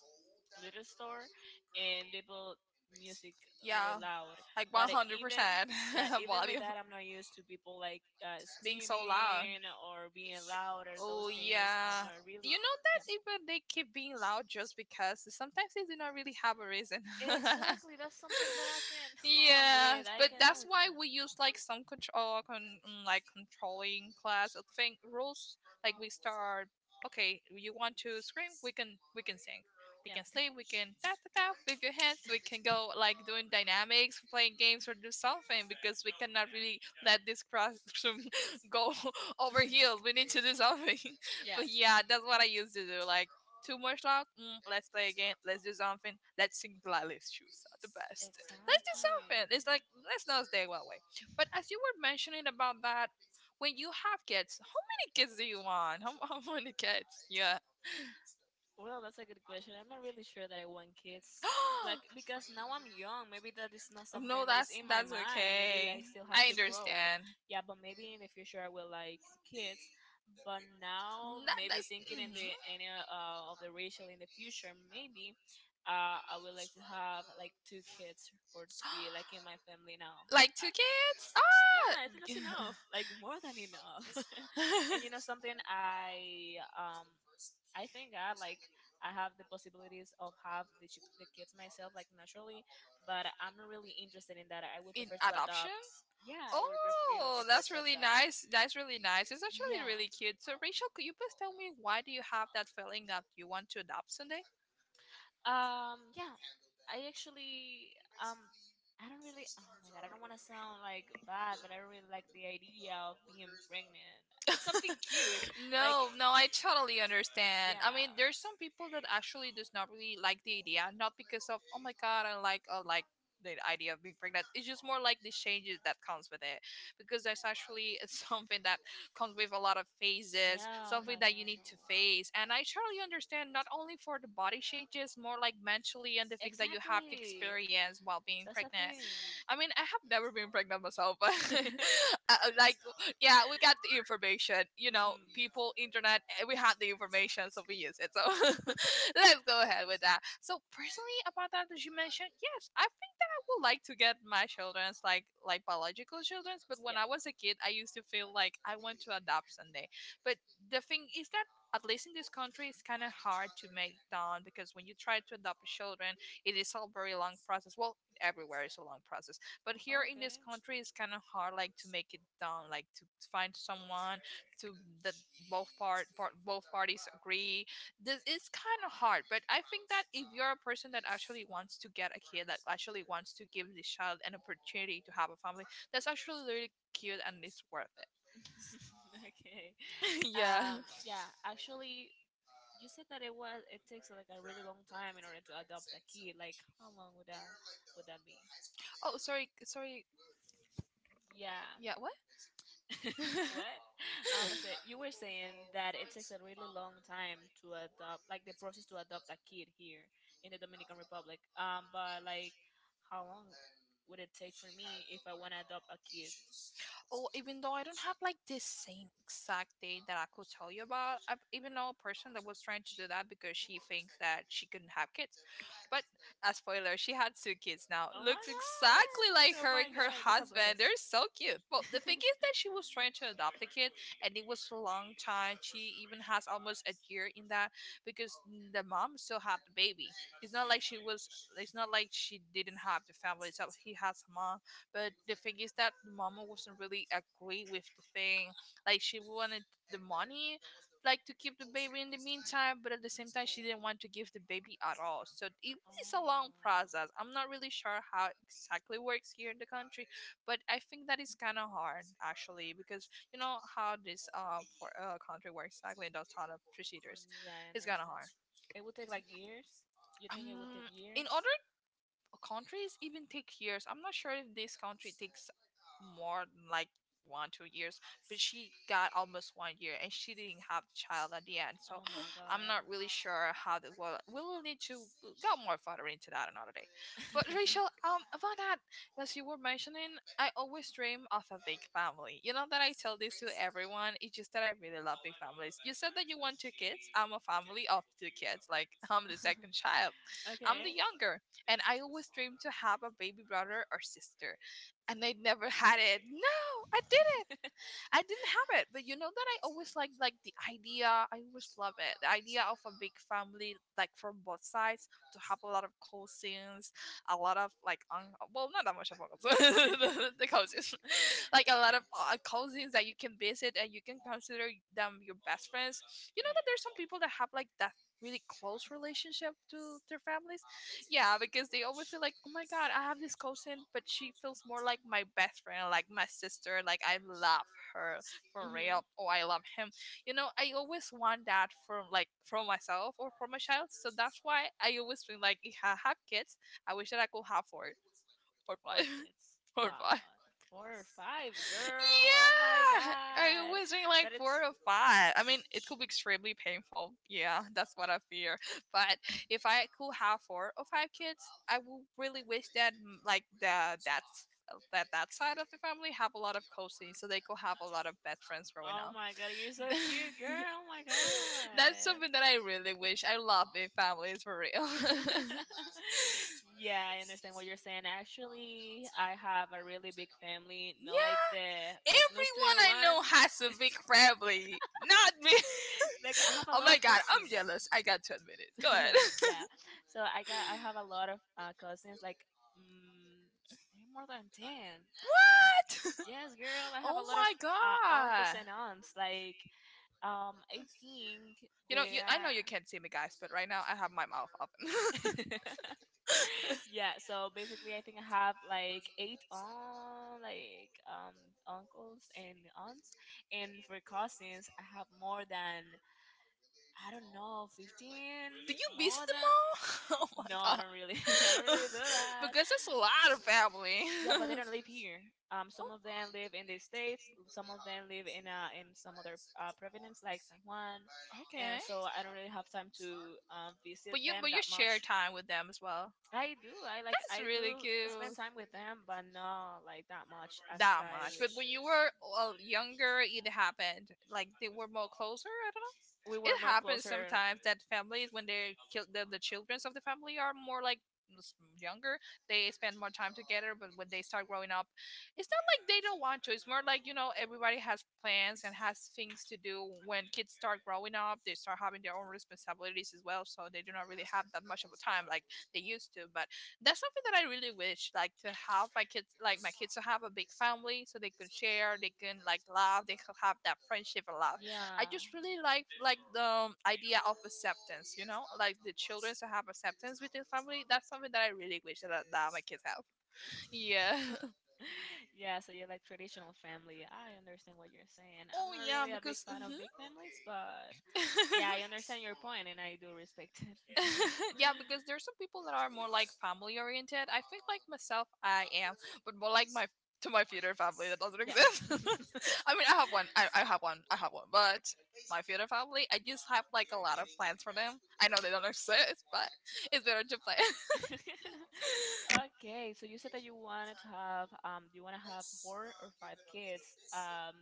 Speaker 2: little store, and they put music really
Speaker 1: Yeah.
Speaker 2: loud.
Speaker 1: Like
Speaker 2: But even,
Speaker 1: 100%
Speaker 2: yeah,
Speaker 1: [laughs]
Speaker 2: even with
Speaker 1: volume.
Speaker 2: that, I'm not used to people like
Speaker 1: Being so loud.
Speaker 2: screaming or being loud or those
Speaker 1: Oh,
Speaker 2: things.
Speaker 1: yeah.
Speaker 2: I'm not really.
Speaker 1: You know
Speaker 2: Yeah.
Speaker 1: that even they keep being loud just because sometimes they do not really have a reason. [laughs]
Speaker 2: Exactly, that's something that I can [laughs] oh,
Speaker 1: yeah,
Speaker 2: with. I
Speaker 1: But
Speaker 2: cannot
Speaker 1: that's
Speaker 2: with
Speaker 1: why
Speaker 2: that.
Speaker 1: we use like some control, like controlling class. I think rules like we start. Okay, you want to scream? We can sing. We
Speaker 2: Yeah.
Speaker 1: can sleep. We can tap tap tap with your hands. We can go like doing dynamics, playing games, or do something because we cannot really let this classroom [laughs]
Speaker 2: [laughs]
Speaker 1: go [laughs] over heels. We need to do something. [laughs] That's what I used to do. Like too much talk. Let's play again. Let's do something. Let's sing Lala's shoes are the best. Let's do something. It's like let's not stay one way. But as you were mentioning about that, when you have kids, how many kids do you want? How many kids? Yeah.
Speaker 2: Well, that's a good question. I'm not really sure that I want kids. Like, because now I'm young, maybe that is not
Speaker 1: [gasps]
Speaker 2: something
Speaker 1: No,
Speaker 2: that is
Speaker 1: that's
Speaker 2: in my
Speaker 1: that's
Speaker 2: mind. Maybe
Speaker 1: okay.
Speaker 2: I still have
Speaker 1: I
Speaker 2: to grow.
Speaker 1: understand.
Speaker 2: Yeah, but maybe in the future I will like kids. But now,
Speaker 1: That,
Speaker 2: maybe
Speaker 1: that's,
Speaker 2: thinking in the any of the racial in the future, maybe I would like to have like two kids or three, like
Speaker 1: mhm. [gasps]
Speaker 2: in my family now.
Speaker 1: Like two
Speaker 2: I-
Speaker 1: kids?
Speaker 2: yeah, I think that's
Speaker 1: Ah!
Speaker 2: enough. Like, more than enough. [laughs] And you know
Speaker 1: [laughs]
Speaker 2: something, I thank God, like I have the possibilities of have the, the kids myself like naturally, but I'm not really interested in that. I would
Speaker 1: In
Speaker 2: prefer to
Speaker 1: adoption?
Speaker 2: adopt. Yeah, I would really
Speaker 1: Oh,
Speaker 2: prefer
Speaker 1: that's
Speaker 2: to
Speaker 1: really
Speaker 2: adopt.
Speaker 1: nice. That's really nice. It's actually
Speaker 2: Yeah.
Speaker 1: really cute. So, Rachel, could you please tell me why do you have that feeling that you want to adopt someday?
Speaker 2: Yeah, I actually, um, I don't really, oh my God, I don't want to sound like bad, but I don't really like the idea of being pregnant. It's something cute. Like,
Speaker 1: No, no, I totally understand. I mean,
Speaker 2: yeah.
Speaker 1: there's some people that actually does not really like the idea, not because of oh my god, I like the idea of being pregnant. It's just more like the changes that comes with it, because there's actually [laughs] something that comes with a lot of phases,
Speaker 2: Yeah, oh
Speaker 1: something
Speaker 2: my
Speaker 1: that you
Speaker 2: god,
Speaker 1: need
Speaker 2: no.
Speaker 1: to face. And I totally understand not only for the body changes, more like mentally and the things that you have to
Speaker 2: Exactly.
Speaker 1: experience while being
Speaker 2: That's the
Speaker 1: pregnant.
Speaker 2: thing.
Speaker 1: I mean, I have never been pregnant myself, but
Speaker 2: [laughs]
Speaker 1: [laughs] uh, like yeah, we got the information. You know,
Speaker 2: Mhm.
Speaker 1: people, internet, we had the information, so we use it. So [laughs]
Speaker 2: [laughs]
Speaker 1: let's go ahead with that. So personally, about that you mentioned, yes, I think that I would like to get my children's like biological children's. But when
Speaker 2: Yeah.
Speaker 1: I was a kid, I used to feel like I want to adopt someday. But the thing is that at least in this country, it's kind of hard to make done because when you try to adopt children, it is a very long process. Well, everywhere is a long process, but here in this
Speaker 2: Okay.
Speaker 1: country it's kind of hard like to make it done, like to find someone to that both parties agree. This is kind of hard, but I think that if you're a person that actually wants to get a kid, that actually wants to give this child an opportunity to have a family, that's actually really cute and it's worth it.
Speaker 2: [laughs] Okay.
Speaker 1: [laughs] Yeah.
Speaker 2: Yeah. Actually, you said that it was. It takes like a really long time in order to adopt a kid. Like, how long would that be?
Speaker 1: Oh sorry, sorry.
Speaker 2: Yeah.
Speaker 1: Yeah, what?
Speaker 2: [laughs] What? I said you were saying that it takes a really long time to adopt, like the process
Speaker 1: [laughs] [laughs]
Speaker 2: to adopt a kid here in the Dominican Republic. But like, how long would it take for me if I want to adopt a kid?
Speaker 1: Oh, even though I don't have like this same exact date that I could tell you about, I even know a person that was trying to do that because she thinks that she couldn't have kids. But a spoiler, she had two kids now.
Speaker 2: Oh my
Speaker 1: Looks exactly like
Speaker 2: god! Oh
Speaker 1: her
Speaker 2: my
Speaker 1: and her
Speaker 2: god! That's a bless.
Speaker 1: husband. They're so cute. Well, the
Speaker 2: [laughs] Oh.
Speaker 1: thing is that she was trying to adopt a kid and it was a long time. She even has almost a year in that because the mom still had the baby. It's not like she was, it's not like she didn't have the family itself. He has a mom. But the thing is that the mama wasn't really agree with the thing. Like she wanted the money, like to keep the baby in the meantime, but at the same time she didn't want to give the baby at all. So it is a long process. I'm not really sure how exactly works here in the country, but I think that is kind of hard actually because you know how this country works exactly and those kind of procedures.
Speaker 2: Yeah, I
Speaker 1: It's kind of
Speaker 2: understand.
Speaker 1: hard.
Speaker 2: It would take like years. You think it would take years?
Speaker 1: In order countries even take years. I'm not sure if this country takes more than like one two years, but she got almost one year and she didn't have child at the end. So
Speaker 2: Oh my
Speaker 1: I'm
Speaker 2: god.
Speaker 1: not really sure how that. Well, we will need to go more further into that another day. But Rachel, about that,
Speaker 2: [laughs]
Speaker 1: as you were mentioning, I always dream of a big family. You know that I tell this to everyone. It's just that I really love big families. You said that you want two kids. I'm a family of two kids. Like I'm the second child. I'm
Speaker 2: Okay.
Speaker 1: the
Speaker 2: [laughs] Yeah.
Speaker 1: younger and I always dreamed to have a baby brother or sister, and I never had it. No, I didn't. I didn't have it. But you know that I always liked the idea. I always love it. The idea of a big family, like from both sides, to have a lot of cousins, a lot of not that much of uncles, [laughs] the cousins, [laughs] like a lot of cousins that you can visit and you can consider them your best friends. You know
Speaker 2: Yep.
Speaker 1: that there's some people that have like that really close relationship to their families. Yeah, because they always feel like, oh my god, I have this cousin, but she feels more like my best friend, like my sister, like I love her for real.
Speaker 2: Mm-hmm.
Speaker 1: Oh, I love him. You know, I always want that from from myself or from my child. So that's why I always feel like if I have kids, I wish that I could have four or
Speaker 2: Four
Speaker 1: five
Speaker 2: kids.
Speaker 1: [laughs] or
Speaker 2: Wow.
Speaker 1: five.
Speaker 2: Four or five, girl. Oh my
Speaker 1: Yeah, I
Speaker 2: god.
Speaker 1: was doing like
Speaker 2: That it's.
Speaker 1: four or five. I mean, it could be extremely painful. Yeah, that's what I fear. But if I could have four or five kids, I would really wish that mm, like the that that that side of the family have a lot of cousins, so they could have a lot of best friends growing
Speaker 2: Oh
Speaker 1: up.
Speaker 2: my god, you're so
Speaker 1: [laughs]
Speaker 2: cute, girl. Oh my
Speaker 1: That's
Speaker 2: god.
Speaker 1: something that I really wish. I love big families for real. [laughs] Yeah,
Speaker 2: [laughs] Yeah, I understand what you're saying. Actually, I have a really big family, not like the like
Speaker 1: everyone
Speaker 2: nuclear
Speaker 1: I
Speaker 2: one,
Speaker 1: know has
Speaker 2: [laughs]
Speaker 1: a big family. Not me. [laughs]
Speaker 2: like I have a
Speaker 1: Oh
Speaker 2: lot
Speaker 1: my
Speaker 2: of
Speaker 1: god, I'm
Speaker 2: cousins.
Speaker 1: jealous. I got to admit it. Go ahead.
Speaker 2: [laughs] Yeah, so I have a lot of cousins, like mm, maybe more than 10.
Speaker 1: [laughs] What?
Speaker 2: Yes, girl, I
Speaker 1: [laughs]
Speaker 2: have a
Speaker 1: Oh
Speaker 2: lot of
Speaker 1: my
Speaker 2: uncles
Speaker 1: god.
Speaker 2: and aunts. Like, I think
Speaker 1: You know,
Speaker 2: they
Speaker 1: I know
Speaker 2: are.
Speaker 1: you can't see me, guys, but right now I have my mouth open. [laughs]
Speaker 2: [laughs] Yeah, so basically, I think I have like eight on like uncles and aunts, and for cousins, I have more than, I don't know, 15,
Speaker 1: Do you visit
Speaker 2: more
Speaker 1: the
Speaker 2: than.
Speaker 1: mall? [laughs] Oh my
Speaker 2: No, I don't really, [laughs] I don't
Speaker 1: god.
Speaker 2: really do
Speaker 1: [laughs]
Speaker 2: that.
Speaker 1: Because it's a lot of family. [laughs]
Speaker 2: Yeah, but they
Speaker 1: Oh,
Speaker 2: don't live here. Some of them live in the states. Some of them live in some other province like San Juan,
Speaker 1: okay.
Speaker 2: and so I don't really have time to visit
Speaker 1: But you
Speaker 2: them
Speaker 1: but you
Speaker 2: that
Speaker 1: share
Speaker 2: much.
Speaker 1: time with them as well.
Speaker 2: I do. I like
Speaker 1: That's
Speaker 2: I
Speaker 1: really
Speaker 2: do spend
Speaker 1: cute.
Speaker 2: time with them, but not like that much as
Speaker 1: That
Speaker 2: I
Speaker 1: much. But
Speaker 2: wish.
Speaker 1: when you were, well, younger, it happened. Like they were more closer. I don't know.
Speaker 2: We were
Speaker 1: It
Speaker 2: more
Speaker 1: happens
Speaker 2: closer.
Speaker 1: sometimes that families, when they kill the children of the family are more like s- younger, they spend more time together. But when they start growing up, it's not like they don't want to. It's more like you know everybody has plans and has things to do. When kids start growing up, they start having their own responsibilities as well, so they do not really have that much of a time like they used to. But that's something that I really wish, like to have my kids, like my kids to have a big family so they can share, they can like laugh, they can have that friendship and laugh. I
Speaker 2: Yeah.
Speaker 1: just really like the idea of acceptance, you know, like the children to have acceptance with their family. That's something that I really wish that my kids have. Yeah. [laughs]
Speaker 2: [laughs] Yeah, so you're like traditional family. I understand what you're saying. I'm
Speaker 1: Oh
Speaker 2: not
Speaker 1: yeah,
Speaker 2: really a big
Speaker 1: because
Speaker 2: fan of
Speaker 1: mhm.
Speaker 2: big families, but yeah, I understand your point, and I do respect it.
Speaker 1: [laughs] [laughs] Yeah, because there's some people that are more like family oriented. I think like myself, I am, but more like my to my
Speaker 2: [laughs]
Speaker 1: future family that doesn't
Speaker 2: Yeah.
Speaker 1: exist.
Speaker 2: [laughs] [laughs]
Speaker 1: [laughs] I mean, I have one. I have one. I have one. But my future family, I just have like a lot of plans for them. I know they don't exist, but it's better to plan
Speaker 2: I have one. [laughs] Okay, so you said that you wanted to have you want to have four or five kids. Um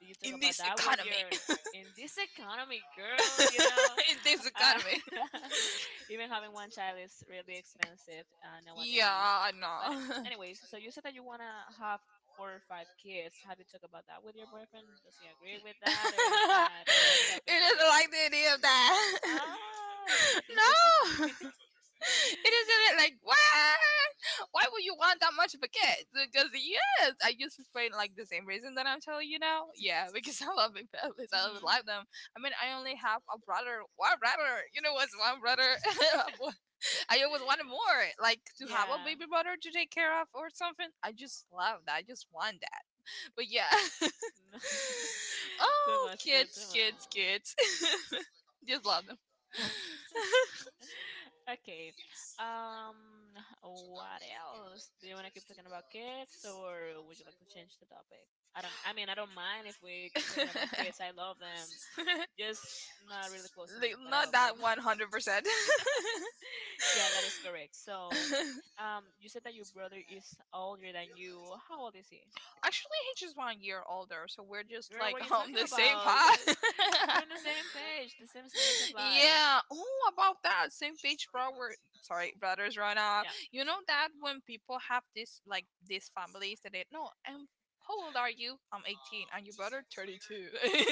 Speaker 2: Do you talk
Speaker 1: in
Speaker 2: about
Speaker 1: this
Speaker 2: that with
Speaker 1: economy.
Speaker 2: your, in this economy, girl? You know,
Speaker 1: [laughs] In this
Speaker 2: uh,
Speaker 1: economy.
Speaker 2: [laughs] even having one child is really expensive nowadays.
Speaker 1: Yeah, I
Speaker 2: But
Speaker 1: know.
Speaker 2: anyways, so you said that you wanna have four or five kids. Have you talked about that with your
Speaker 1: [laughs]
Speaker 2: boyfriend? Does he agree with that, or is
Speaker 1: [laughs] You
Speaker 2: that not a topic that you?
Speaker 1: doesn't like the idea of that. [laughs]
Speaker 2: Ah, [laughs] he's just like me.
Speaker 1: No. [laughs] It isn't it like what? Why would you want that much of a kid? Because yes, I used to explain like the same reason that I'm telling you now. Yeah, [laughs] because I love big families. I love
Speaker 2: Mhm.
Speaker 1: love them. I mean, I only have a brother. One brother. You know what's one brother?
Speaker 2: [laughs]
Speaker 1: [laughs] I always wanted more. Like to have a
Speaker 2: Yeah.
Speaker 1: baby brother to take care of or something. I just love that. I just want that. But yeah. [laughs]
Speaker 2: No. [laughs] Too
Speaker 1: Oh,
Speaker 2: much, girl,
Speaker 1: kids,
Speaker 2: too
Speaker 1: kids,
Speaker 2: much.
Speaker 1: kids. [laughs] Just love them.
Speaker 2: [laughs]
Speaker 1: [laughs]
Speaker 2: [laughs] Okay. Um, what else? Do you want to keep talking about kids, or would you like to change the topic? I don't. I mean, I don't mind if we keep talking about kids. I love them. Just not really close to
Speaker 1: Like,
Speaker 2: me, but I
Speaker 1: not
Speaker 2: love them.
Speaker 1: that 100%. [laughs]
Speaker 2: [laughs] Yeah, that is correct. So, [laughs] you said that your brother is older than you. How old is he?
Speaker 1: Actually, he's just one year older, so we're just
Speaker 2: Girl,
Speaker 1: like
Speaker 2: what are you
Speaker 1: [laughs] on
Speaker 2: talking
Speaker 1: the same
Speaker 2: about? You guys,
Speaker 1: path.
Speaker 2: [laughs] you're on the
Speaker 1: [laughs]
Speaker 2: same page, the same stage of life.
Speaker 1: Yeah. Oh, about that same page, bro. We're sorry, brothers, right now.
Speaker 2: Yeah. [laughs]
Speaker 1: You know that when people have this, like these families that they no. And how old are you? I'm 18, and your brother 32.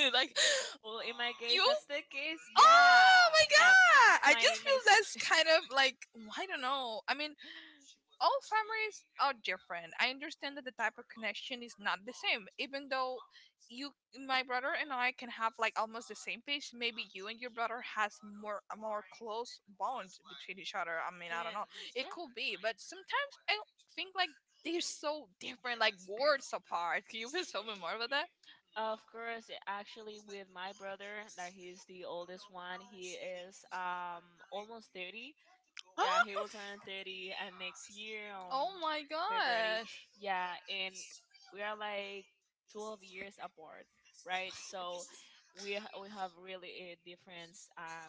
Speaker 1: [laughs] like,
Speaker 2: Well, in my case,
Speaker 1: you
Speaker 2: that's the case. Yeah,
Speaker 1: oh my
Speaker 2: yeah.
Speaker 1: god, I
Speaker 2: My
Speaker 1: just
Speaker 2: my.
Speaker 1: feel that's kind of like, well, I don't know. I mean, all
Speaker 2: [laughs]
Speaker 1: families are different. I understand that the type of connection is not the same, even though you my brother and I can have like almost the same page. Maybe you and your brother has more a more close bond between each other. I mean, I don't
Speaker 2: Can
Speaker 1: know. It
Speaker 2: yeah.
Speaker 1: could be, but sometimes I think like they're so different, like worlds apart. Can you please tell me more about that?
Speaker 2: Of course, yeah, actually, with my brother, that he's the oldest one, he is almost 30. Yeah, he will
Speaker 1: [gasps]
Speaker 2: turn 30 and next year,
Speaker 1: Oh my
Speaker 2: February.
Speaker 1: god!
Speaker 2: Yeah, and we are like 12 years apart, right? So we have really a different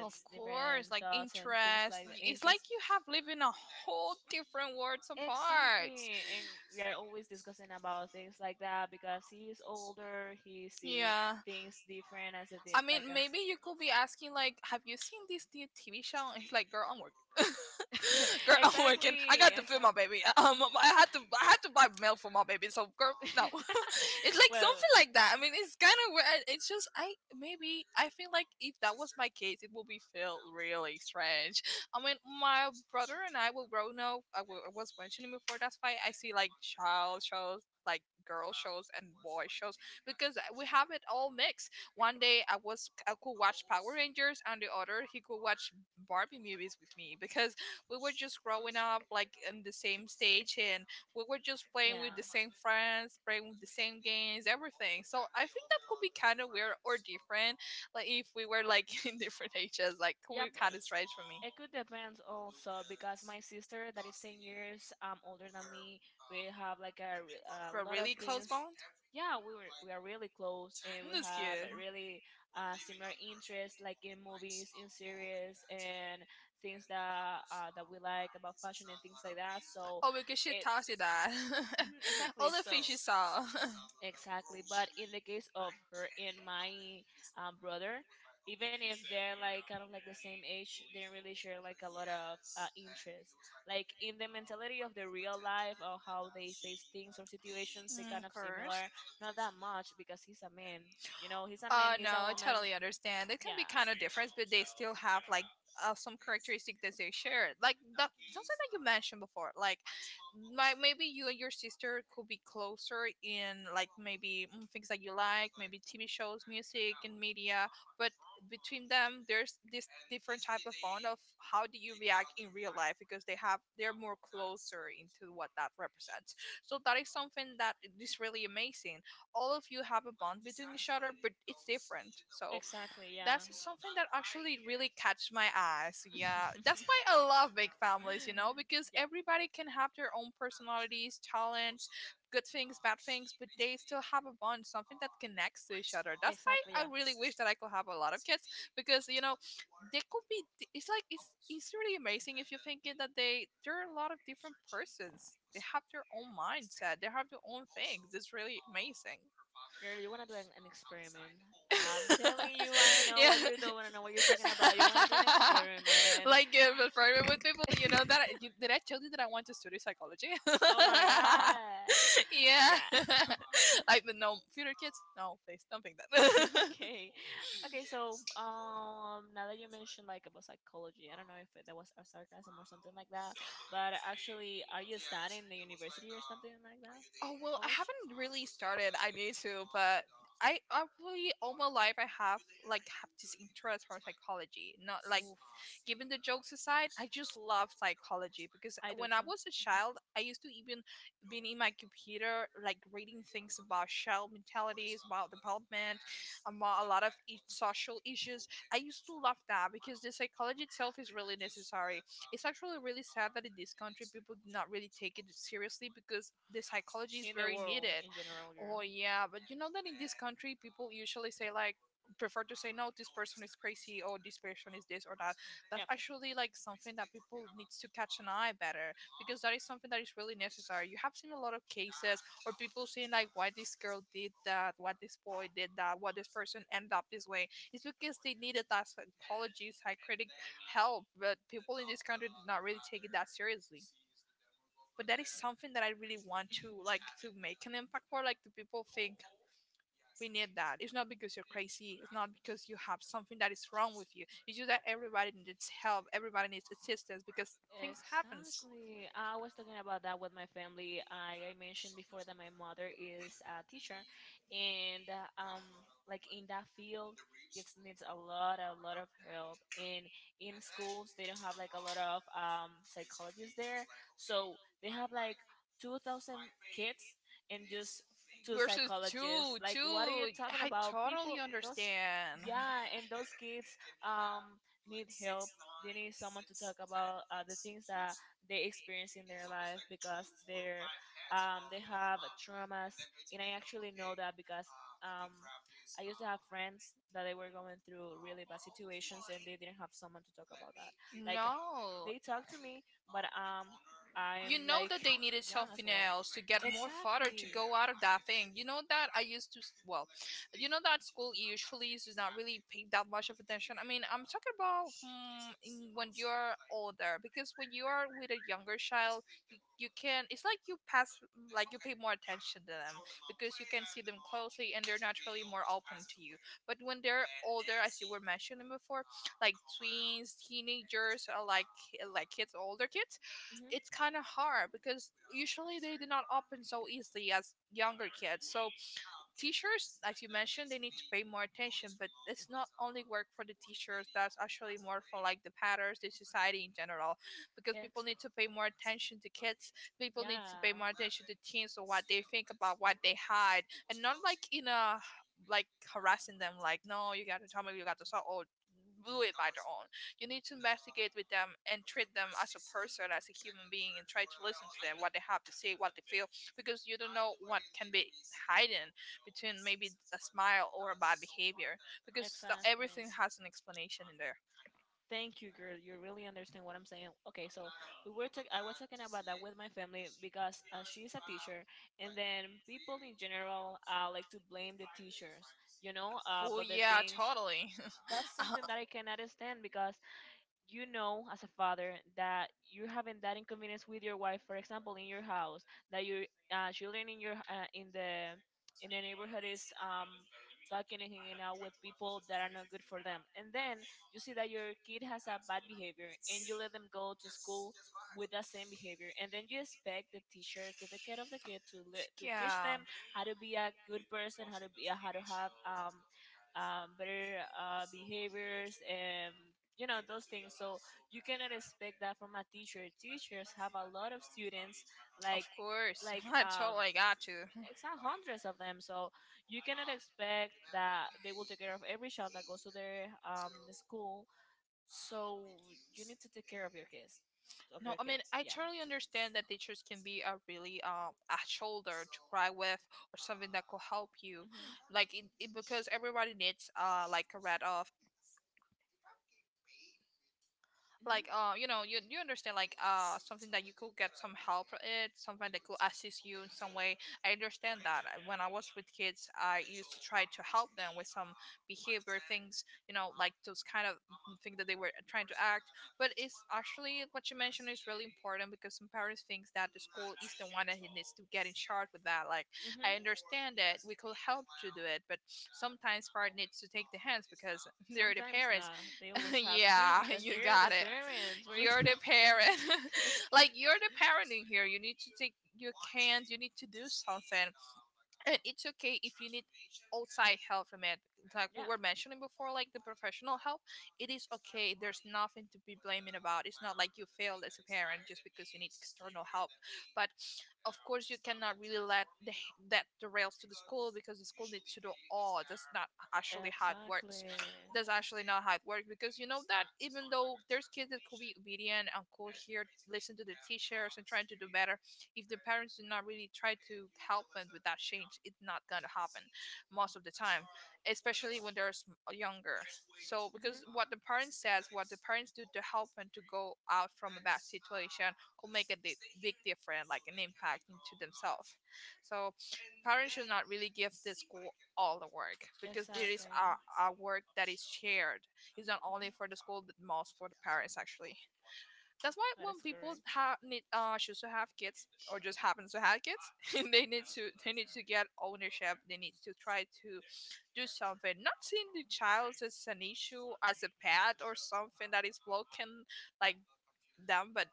Speaker 1: Of course,
Speaker 2: different
Speaker 1: like
Speaker 2: thoughts, and things
Speaker 1: interest.
Speaker 2: like the
Speaker 1: It's
Speaker 2: interest.
Speaker 1: like you have lived in a whole different worlds apart.
Speaker 2: Exactly, and we are always discussing about things like that because he is older. He see
Speaker 1: Yeah.
Speaker 2: things different as they did,
Speaker 1: I
Speaker 2: like
Speaker 1: mean,
Speaker 2: I
Speaker 1: maybe
Speaker 2: see.
Speaker 1: you could be asking like, "Have you seen this new TV show?" And he's like, "Girl, I'm working." [laughs]
Speaker 2: [laughs]
Speaker 1: Girl, I'm working. I
Speaker 2: Exactly,
Speaker 1: got to feed my
Speaker 2: exactly.
Speaker 1: baby. I had to buy milk for my baby. So, girl, no, [laughs] it's
Speaker 2: [laughs]
Speaker 1: like
Speaker 2: Well,
Speaker 1: something like that.
Speaker 2: yeah.
Speaker 1: I mean, it's kind of weird. It's just I maybe I feel like if that was my case, it would be feel really strange. I mean, my brother and I will grow now. I was mentioning before. That's why I see like child shows, like girl shows and boy shows because we have it all mixed. One day I could watch Power Rangers, and the other he could watch Barbie movies with me because we were just growing up like in the same stage, and we were just playing
Speaker 2: Yeah.
Speaker 1: with the same friends, playing with the same games, everything. So I think that could be kind of weird or different, like if we were like [laughs] in different ages, like could
Speaker 2: Yeah,
Speaker 1: be kind
Speaker 2: but
Speaker 1: of strange for me.
Speaker 2: it could depend also because my sister that is 10 years older than me, we have like a, a
Speaker 1: We're
Speaker 2: lot of
Speaker 1: really close
Speaker 2: things.
Speaker 1: bond?
Speaker 2: Yeah, we are really close, and we
Speaker 1: That's
Speaker 2: have a
Speaker 1: am.
Speaker 2: really similar interests like in movies, in series, and things that we like about fashion and things like that. So
Speaker 1: Oh, because she
Speaker 2: it.
Speaker 1: taught you that.
Speaker 2: Mhm.
Speaker 1: [laughs]
Speaker 2: Exactly,
Speaker 1: All the things
Speaker 2: so.
Speaker 1: she saw. [laughs]
Speaker 2: Exactly, but in the case of her and my brother, even if they're like kind of like the same age, they don't really share like a lot of interest, like in the mentality of the real life or how they face things or situations. They
Speaker 1: Mm, of
Speaker 2: kind of
Speaker 1: course.
Speaker 2: similar, not that much, because he's a man. You know, he's a man,
Speaker 1: No,
Speaker 2: he's a
Speaker 1: I
Speaker 2: woman.
Speaker 1: totally understand. It can
Speaker 2: Yeah,
Speaker 1: be kind of different, but they still have like some characteristic that they share. Like that, something that you mentioned before. Like, my maybe you and your sister could be closer in like maybe things that you like, maybe TV shows, music, and media. But between them, there's this different type of bond of how do you react in real life because they have they're more closer into what that represents. So that is something that is really amazing. All of you have a bond between each other, but it's different. So
Speaker 2: exactly, yeah.
Speaker 1: that's something that actually really catch my eyes. Yeah, that's
Speaker 2: [laughs]
Speaker 1: why I love big families, you know, because
Speaker 2: Yeah,
Speaker 1: everybody can have their own personalities, talents, good things, bad things, but they still have a bond, something that connects to each other. That's
Speaker 2: exactly,
Speaker 1: why
Speaker 2: yeah.
Speaker 1: I really wish that I could have a lot of kids because you know they could be. It's like it's really amazing if you think it that they there are a lot of different persons. They have their own mindset. They have their own things. It's really amazing.
Speaker 2: Girl, you want to do an experiment. I'm telling you, I
Speaker 1: [laughs]
Speaker 2: know
Speaker 1: Yeah.
Speaker 2: what you're doing. I know what you're talking about. You want to do an
Speaker 1: [laughs]
Speaker 2: experiment.
Speaker 1: Like but private with people, you know that
Speaker 2: [laughs]
Speaker 1: did I tell you that I want to study psychology? [laughs]
Speaker 2: Oh my god.
Speaker 1: Yeah.
Speaker 2: Yeah.
Speaker 1: [laughs]
Speaker 2: [laughs]
Speaker 1: Like, but no future kids, no, please don't think
Speaker 2: [laughs]
Speaker 1: that. [laughs]
Speaker 2: Okay. Okay, so now that you mentioned like about psychology, I don't know if that was a sarcasm or something like that, but actually are you studying the university or something like that
Speaker 1: Oh
Speaker 2: in the
Speaker 1: well, I
Speaker 2: college?
Speaker 1: haven't really started. I need to, but I really all my life I have like have this interest for psychology. Not like
Speaker 2: Oof.
Speaker 1: given the jokes aside, I just love psychology because
Speaker 2: I do
Speaker 1: when I
Speaker 2: too.
Speaker 1: was a
Speaker 2: Mhm.
Speaker 1: child, I used to even been in my computer, like reading things about shell mentalities, about development, about a lot of social issues. I used to love that because the psychology itself is really necessary. It's actually really sad that in this country people do not really take it seriously because the psychology is
Speaker 2: In the
Speaker 1: very
Speaker 2: world
Speaker 1: needed.
Speaker 2: in general,
Speaker 1: Oh
Speaker 2: girl.
Speaker 1: yeah, but you know that in this country people usually say like prefer to say no, this person is crazy or this person is this or that. That's
Speaker 2: Yep.
Speaker 1: actually like something that people needs to catch an eye better because that is something that is really necessary. You have seen a lot of cases or people saying like why this girl did that, why this boy did that, why this person ended up this way. It's because they needed that psychology, psychiatric help, but people in this country did not really take it that seriously. But that is something that I really want to like
Speaker 2: [laughs]
Speaker 1: to make an impact for. Like the people think we need that. It's not because you're crazy. It's not because you have something that is wrong with you. It's just that everybody needs help. Everybody needs assistance because things happens.
Speaker 2: Exactly. I was talking about that with my family. I mentioned before that my mother is a teacher, and like in that field, kids needs a lot of help. And in schools, they don't have like a lot of psychologists there, so they have like 2,000 kids and just two
Speaker 1: Versus
Speaker 2: psychologists.
Speaker 1: two,
Speaker 2: Like, what are you
Speaker 1: two.
Speaker 2: talking
Speaker 1: I
Speaker 2: about? People,
Speaker 1: totally
Speaker 2: those
Speaker 1: understand.
Speaker 2: yeah, and those kids um need help. They need someone to talk about the things that they experience in their life because they're they have traumas, and I actually know that because um I used to have friends that they were going through really bad situations and they didn't have someone to talk about that. Like
Speaker 1: No.
Speaker 2: they talk to me, but
Speaker 1: You
Speaker 2: I'm
Speaker 1: know that
Speaker 2: like
Speaker 1: they needed
Speaker 2: young as
Speaker 1: something
Speaker 2: well.
Speaker 1: else to get more fodder to
Speaker 2: Exactly.
Speaker 1: go out of that thing. You know that I used to, well, you know that school usually is not really pay that much of attention. I mean, I'm talking about when you're older because when you are with a younger child, you can, it's like you pass, like you pay more attention to them because you can see them closely and they're naturally more open to you. But when they're older, as you were mentioning before, like tweens, teenagers, or like like kids, older kids,
Speaker 2: hmm
Speaker 1: it's kind of hard because usually they do not open so easily as younger kids. So teachers, as you mentioned, they need to pay more attention. But it's not only work for the teachers. That's actually more for like the parents, the society in general, because
Speaker 2: Yes.
Speaker 1: people need to pay more attention to kids. People need to pay
Speaker 2: Yeah.
Speaker 1: more attention to teens or what they think about, what they hide, and not like in a like harassing them. Like, no, you got to tell me, you got to tell, or do it by their own. You need to investigate with them and treat them as a person, as a human being, and try to listen to them, what they have to say, what they feel, because you don't know what can be hidden between maybe a smile or a bad behavior, because everything
Speaker 2: Exactly.
Speaker 1: has an explanation in there.
Speaker 2: Thank you, girl. You really understand what I'm saying. Okay, so I was talking about that with my family because she's a teacher, and then people in general like to blame the teachers, you know,
Speaker 1: Oh,
Speaker 2: but the
Speaker 1: yeah,
Speaker 2: things
Speaker 1: totally. [laughs]
Speaker 2: That's something that I cannot stand because you know as a father that you're having that inconvenience with your wife, for example, in your house, that your children in your in the neighborhood is talking and hanging out with people that are not good for them, and then you see that your kid has a bad behavior and you let them go to school with that same behavior, and then you expect the teacher to take care of the kid, to to teach
Speaker 1: Yeah,
Speaker 2: them how to be a good person, how to be how to have better behaviors and you know those things. So you cannot expect that from a teacher. Teachers have a lot of students,
Speaker 1: of
Speaker 2: like
Speaker 1: course.
Speaker 2: like
Speaker 1: [laughs] I
Speaker 2: um
Speaker 1: totally got you.
Speaker 2: it's not hundreds of them, so you cannot expect that they will take care of every child that goes to their the school. So you need to take care of your kids, of
Speaker 1: No,
Speaker 2: your
Speaker 1: I mean,
Speaker 2: kids.
Speaker 1: I
Speaker 2: Yeah.
Speaker 1: totally understand that teachers can be a really a shoulder to cry with or something that could help you,
Speaker 2: Mhm.
Speaker 1: like it because everybody needs like a rat off,
Speaker 2: Mhm.
Speaker 1: like you know, you understand like something that you could get some help for it, something that could assist you in some way. I understand that when I was with kids, I used to try to help them with some behavior things, you know, like those kind of things that they were trying to act. But it's actually what you mentioned is really important because some parents think that the school is the one that he needs to get in charge with that, like
Speaker 2: Mhm.
Speaker 1: I understand that we could help to do it, but sometimes part needs to take the hands because [laughs] they're the
Speaker 2: Sometimes
Speaker 1: parents.
Speaker 2: not. They [laughs]
Speaker 1: [laughs]
Speaker 2: always have to
Speaker 1: Yeah,
Speaker 2: because
Speaker 1: you
Speaker 2: they are
Speaker 1: got
Speaker 2: the
Speaker 1: it.
Speaker 2: parents. What are you
Speaker 1: You're the
Speaker 2: talking?
Speaker 1: parent.
Speaker 2: [laughs]
Speaker 1: [laughs] Like, you're the parent in here. You need to take, you can't, you need to do something. And it's okay if you need outside help from it, like we
Speaker 2: Yeah.
Speaker 1: were mentioning before, like the professional help, it is okay. There's nothing to be blaming about. It's not like you failed as a parent just because you need external help. But of course, you cannot really let the, that derails to the school because the school needs to do all. That's not actually how it works.
Speaker 2: Exactly.
Speaker 1: That's actually not how it works because you know that even though there's kids that could be obedient and could hear, listen to the teachers and trying to do better, if the parents do not really try to help them with that change, it's not going to happen most of the time, especially when they're younger. So
Speaker 2: hmm
Speaker 1: because what the parents says, what the parents do to help them to go out from a bad situation could make a big difference, like an impact into themselves. So parents should not really give the school all the work because there is
Speaker 2: Exactly. Mhm.
Speaker 1: a work that is shared. It's not only for the school, but most for the parents actually. That's why
Speaker 2: That
Speaker 1: when
Speaker 2: is
Speaker 1: people
Speaker 2: correct.
Speaker 1: have need choose to have kids or just happens to have kids, [laughs] they need to get ownership. They need to try to do something. Not seeing the child as an issue, as a pet or something that is broken, like them, but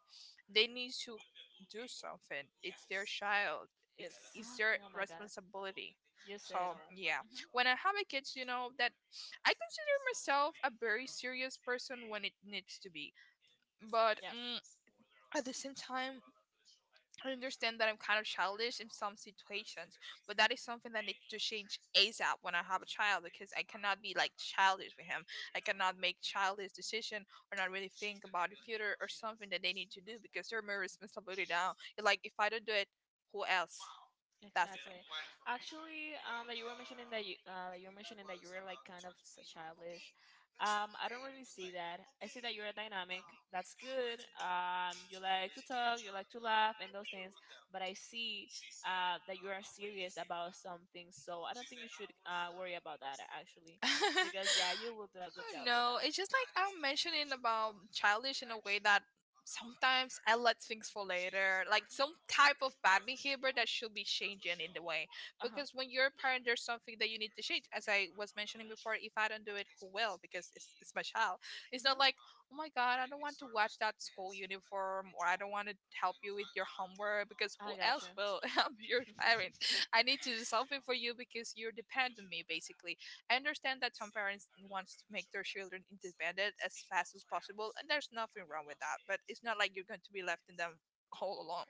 Speaker 1: they need to do something. It's their child. It's their
Speaker 2: Exactly. Oh my God.
Speaker 1: responsibility.
Speaker 2: You said it
Speaker 1: So
Speaker 2: all.
Speaker 1: yeah,
Speaker 2: Hmm
Speaker 1: when I have a kids, you know that I consider myself a very serious person when it needs to be. But
Speaker 2: Yep.
Speaker 1: mm, at the same time, I understand that I'm kind of childish in some situations, but that is something that needs to change ASAP when I have a child because I cannot be like childish with him. I cannot make childish decision or not really think about the future or something that they need to do because they're my responsibility now. Like if I don't do it, who else? That's the
Speaker 2: Exactly. Actually, that you were mentioning that you were like kind of childish. I don't really see that. I see that you're dynamic. That's good. You like to talk, you like to laugh, and those things. But I see that you are serious about something. So I don't think you should worry about that actually,
Speaker 1: thing. [laughs]
Speaker 2: because yeah, you will do a good
Speaker 1: I don't
Speaker 2: job with
Speaker 1: know.
Speaker 2: that.
Speaker 1: It's just like I'm mentioning about childish in a way that sometimes I let things for later, like some type of bad behavior that should be changing in the way.
Speaker 2: Uh huh.
Speaker 1: Because when you're a parent, there's something that you need to change. As I was mentioning before, if I don't do it, who will? Because it's my child. It's
Speaker 2: hmm
Speaker 1: not like oh my god, I don't want to watch that school [laughs] uniform or I don't want to help you with your homework because who
Speaker 2: I got you.
Speaker 1: else will? [laughs] Help your parents?
Speaker 2: [laughs]
Speaker 1: I need to do something for you because you're dependent on me basically. I understand that some parents want to make their children independent as fast as possible and there's nothing wrong with that, but it's not like you're going to be left in them all alone.